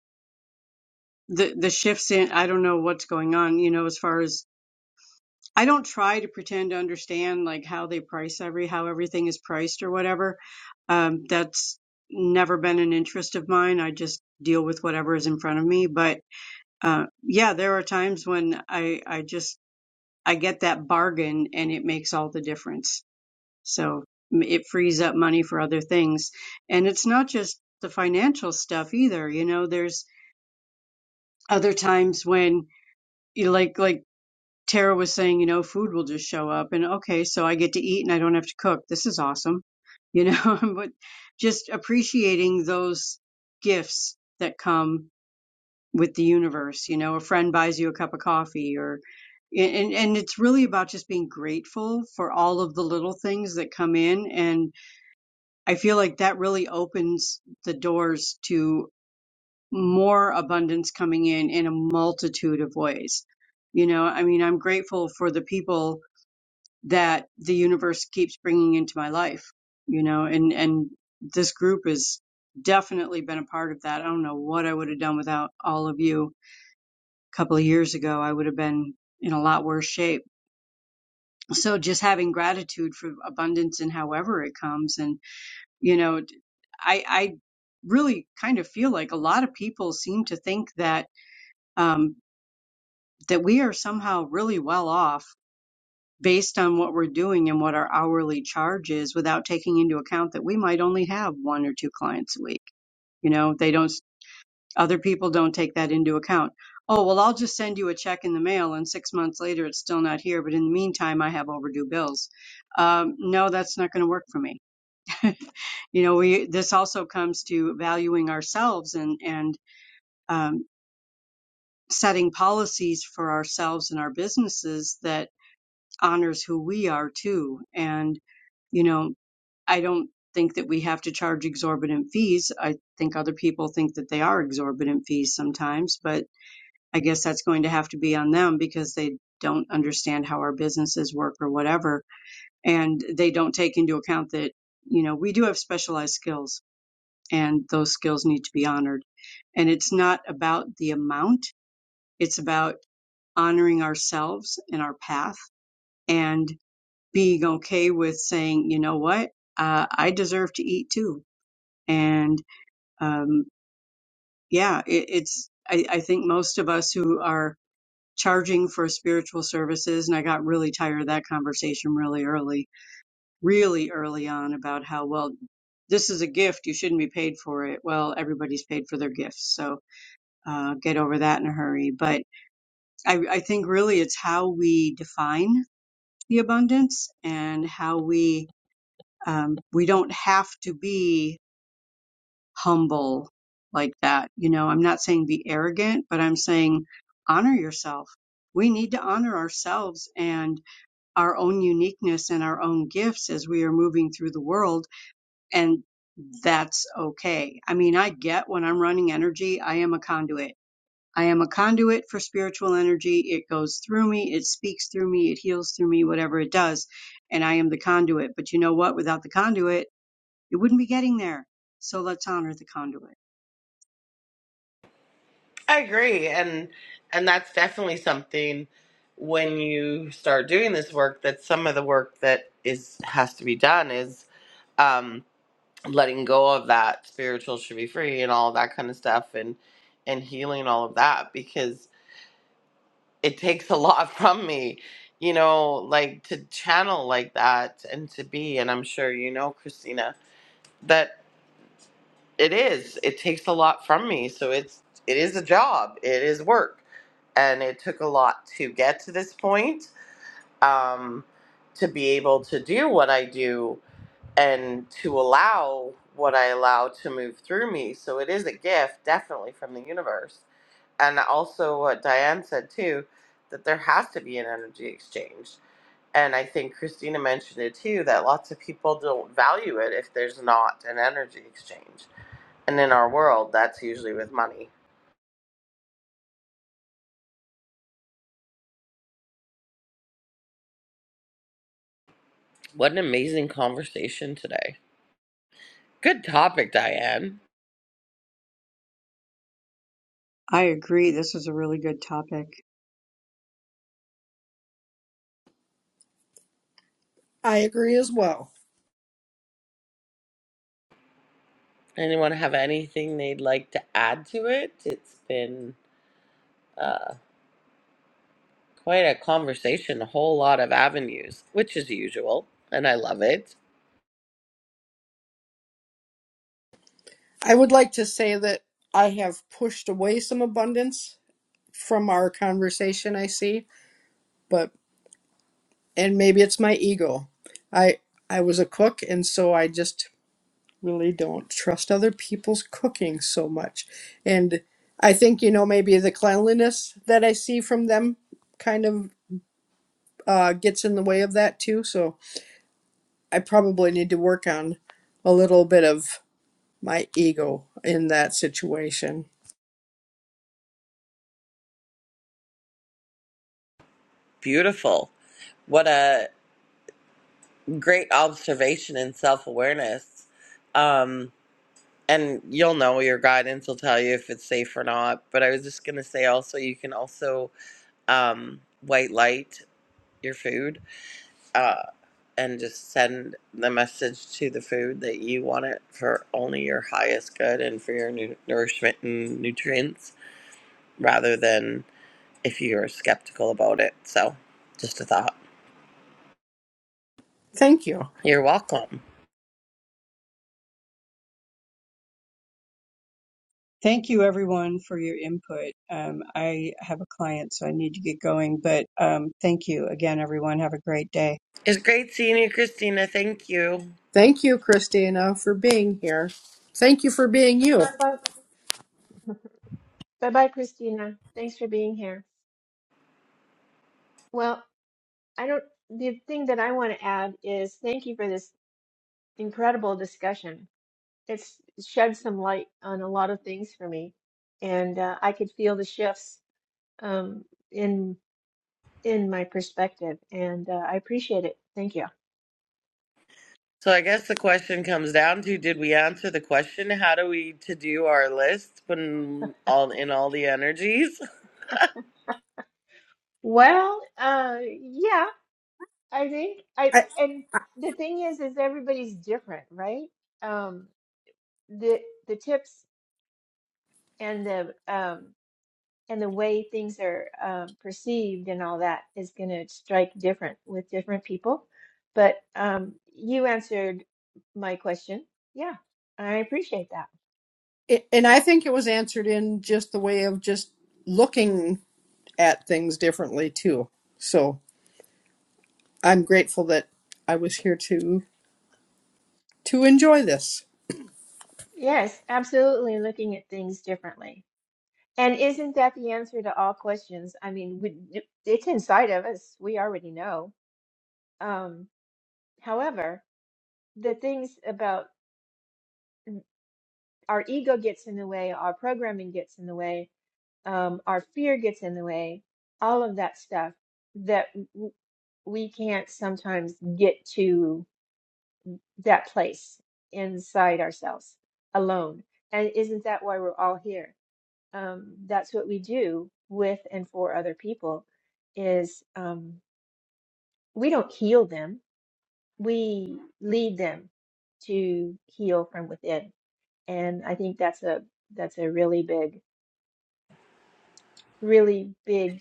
Speaker 3: the, the shifts in, I don't know what's going on, you know, as far as I don't try to pretend to understand like how they price every, how everything is priced or whatever. Um, that's never been an interest of mine. I just deal with whatever is in front of me. But Uh, yeah, there are times when I, I just, I get that bargain and it makes all the difference. So m- it frees up money for other things. And it's not just the financial stuff either. You know, there's other times when you like, like Tara was saying, you know, food will just show up and okay, so I get to eat and I don't have to cook. This is awesome. You know, [LAUGHS] but just appreciating those gifts that come with the universe. You know, a friend buys you a cup of coffee or and and it's really about just being grateful for all of the little things that come in and I feel like that really opens the doors to more abundance coming in in a multitude of ways. You know, I mean, I'm grateful for the people that the universe keeps bringing into my life, you know, and and this group has definitely been a part of that. I don't know what I would have done without all of you couple of years ago, I would have been in a lot worse shape. So just having gratitude for abundance and however it comes. And, you know, I, I really kind of feel like a lot of people seem to think that, um, that we are somehow really well off based on what we're doing and what our hourly charge is without taking into account that we might only have one or two clients a week. You know, they don't Other people don't take that into account. Oh, well, I'll just send you a check in the mail and six months later it's still not here, but in the meantime, I have overdue bills. Um, no, that's not going to work for me. [LAUGHS] you know, we, this also comes to valuing ourselves and, and, um, setting policies for ourselves and our businesses that honors who we are too. And, you know, I don't think that we have to charge exorbitant fees. I think other people think that they are exorbitant fees sometimes, but I guess that's going to have to be on them because they don't understand how our businesses work or whatever. And they don't take into account that, you know, we do have specialized skills and those skills need to be honored. And it's not about the amount. It's about honoring ourselves and our path and being okay with saying, you know what? Uh, I deserve to eat too. And, um, yeah, it, it's, I, I think most of us who are charging for spiritual services. And I got really tired of that conversation really early, really early on about how, well, this is a gift. You shouldn't be paid for it. Well, everybody's paid for their gifts. So uh, get over that in a hurry. But I, I think really it's how we define the abundance and how we, um, we don't have to be humble like that. You know, I'm not saying be arrogant, but I'm saying honor yourself. We need to honor ourselves and our own uniqueness and our own gifts as we are moving through the world and that's okay. I mean, I get when I'm running energy, I am a conduit. I am a conduit for spiritual energy. It goes through me, it speaks through me, it heals through me, whatever it does. And I am the conduit. But you know what? Without the conduit, it wouldn't be getting there. So let's honor the conduit.
Speaker 1: I agree. And and that's definitely something when you start doing this work that some of the work that is has to be done is um letting go of that spiritual should be free and all that kind of stuff and and healing all of that because. it takes a lot [LAUGHS] from me, you know, like to channel like that and to be. And I'm sure you know, Christina, that it is. It takes a lot from me. So it's it is a job. It is work, and it took a lot to get to this point. Um, to be able to do what I do and to allow what I allow to move through me. So it is a gift, definitely from the universe and also what Diane said too, that there has to be an energy exchange. And I think Christina mentioned it too that lots of people don't value it if there's not an energy exchange. And in our world, that's usually with money. What an amazing conversation today. Good topic, Diane.
Speaker 3: I agree. This was a really good topic.
Speaker 2: I agree as well.
Speaker 1: Anyone have anything they'd like to add to it? It's been uh, quite a conversation, a whole lot of avenues, which is usual, and I love it.
Speaker 2: I would like to say that I have pushed away some abundance from our conversation I see, but and maybe it's my ego. I I was a cook and so I just really don't trust other people's cooking so much. And I think you know maybe the cleanliness that I see from them kind of uh, gets in the way of that too. So I probably need to work on a little bit of my ego in that situation.
Speaker 1: Beautiful. What a great observation and self awareness. Um, and you'll know your guidance will tell you if it's safe or not. But I was just gonna say also you can also um, white light your food uh, and just send the message to the food that you want it for only your highest good and for your nu- nourishment and nutrients rather than if you're skeptical about it. So just a thought.
Speaker 2: Thank you.
Speaker 1: You're welcome.
Speaker 3: Thank you everyone for your input. Um, I have a client, so I need to get going, but um, thank you again, everyone. Have a great day.
Speaker 1: It's great seeing you, Christina. Thank you.
Speaker 2: Thank you, Christina, for being here. Thank you for being you.
Speaker 5: Bye bye, bye, Christina. Thanks for being here. Well, I don't. The thing that I want to add is thank you for this incredible discussion It's shed some light on a lot of things for me, and uh, I could feel the shifts um, in in my perspective, and uh, I appreciate it. Thank you.
Speaker 1: So I guess the question comes down to did we answer the question? How do we to do our list when all in all the energies?
Speaker 5: Well, uh, yeah, I think I
Speaker 2: I,
Speaker 5: and
Speaker 2: I-
Speaker 5: the thing is, is everybody's different, right? Um, the the tips and the um, and the way things are um, perceived and all that is going to strike different with different people. But um, you answered my question. Yeah, I appreciate that.
Speaker 2: and I think it was answered in just the way of just looking at things differently too. So I'm grateful that I was here to to enjoy this.
Speaker 5: Yes, absolutely looking at things differently. And isn't that the answer to all questions? I mean, we, it's inside of us. We already know. Um, however, the things about our ego gets in the way, our programming gets in the way, um, our fear gets in the way, all of that stuff that w- we can't sometimes get to that place inside ourselves alone. And isn't that why we're all here? Um, that's what we do with and for other people is um, we don't heal them. We lead them to heal from within. And I think that's a that's a really big, really big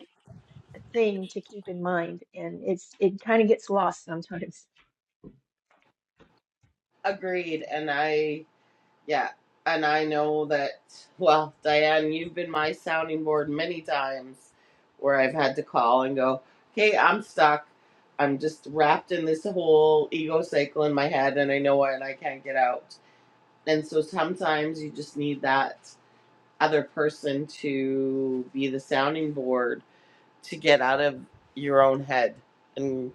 Speaker 5: thing to keep in mind, and it's it kind of gets lost sometimes.
Speaker 1: [LAUGHS] Agreed. And I yeah. And I know that well, Diane, you've been my sounding board many times where I've had to call and go, Okay, I'm stuck. I'm just wrapped in this whole ego cycle in my head and I know it and I can't get out. And so sometimes you just need that other person to be the sounding board to get out of your own head and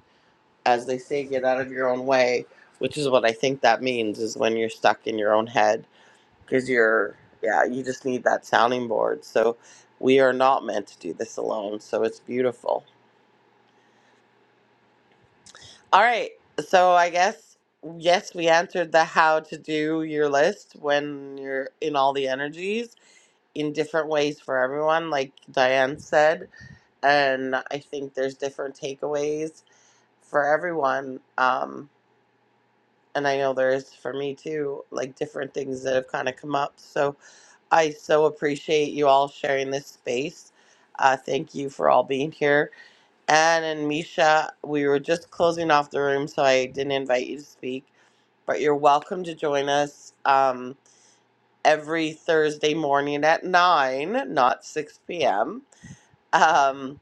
Speaker 1: as they say get out of your own way which is what i think that means is when you're stuck in your own head because you're yeah you just need that sounding board so we are not meant to do this alone so it's beautiful all right so i guess yes we answered the how to do your list when you're in all the energies in different ways for everyone like diane said and I think there's different takeaways for everyone. Um, and I know there is for me too, like different things that have kind of come up. So I so appreciate you all sharing this space. Uh, thank you for all being here. Anne and Misha, we were just closing off the room, so I didn't invite you to speak, but you're welcome to join us um, every Thursday morning at 9, not 6 p.m. Um,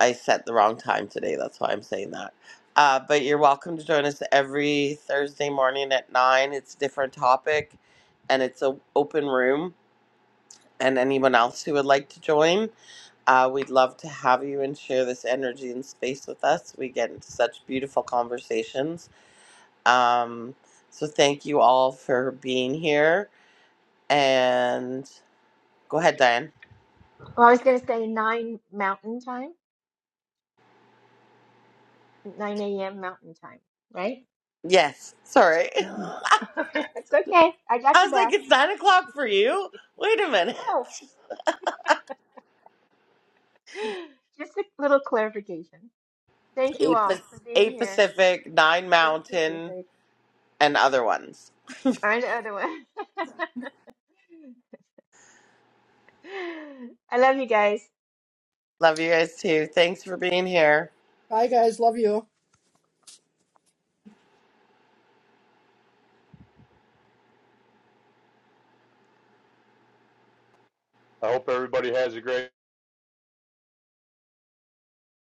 Speaker 1: I set the wrong time today. That's why I'm saying that. Uh, but you're welcome to join us every Thursday morning at nine. It's a different topic, and it's an open room. And anyone else who would like to join, uh, we'd love to have you and share this energy and space with us. We get into such beautiful conversations. Um, so thank you all for being here. And go ahead, Diane.
Speaker 5: Well, I was going to say nine Mountain Time, nine a.m. Mountain Time, right?
Speaker 1: Yes, sorry. [LAUGHS]
Speaker 5: Mhm. [LAUGHS] it's okay. I got
Speaker 1: I
Speaker 5: your
Speaker 1: was like,
Speaker 5: back.
Speaker 1: it's nine o'clock for you. Wait a minute.
Speaker 5: Oh, just a little clarification. Thank you
Speaker 1: Eight,
Speaker 5: all
Speaker 1: Pac-
Speaker 5: for being
Speaker 1: eight
Speaker 5: here.
Speaker 1: Pacific, nine
Speaker 5: Thank you,
Speaker 1: Mountain,
Speaker 5: Pacific.
Speaker 1: and other ones.
Speaker 5: Or the other one. [LAUGHS] I love you guys.
Speaker 1: Love you guys too. Thanks for being here.
Speaker 2: Bye, guys. Love you.
Speaker 7: I hope everybody has a great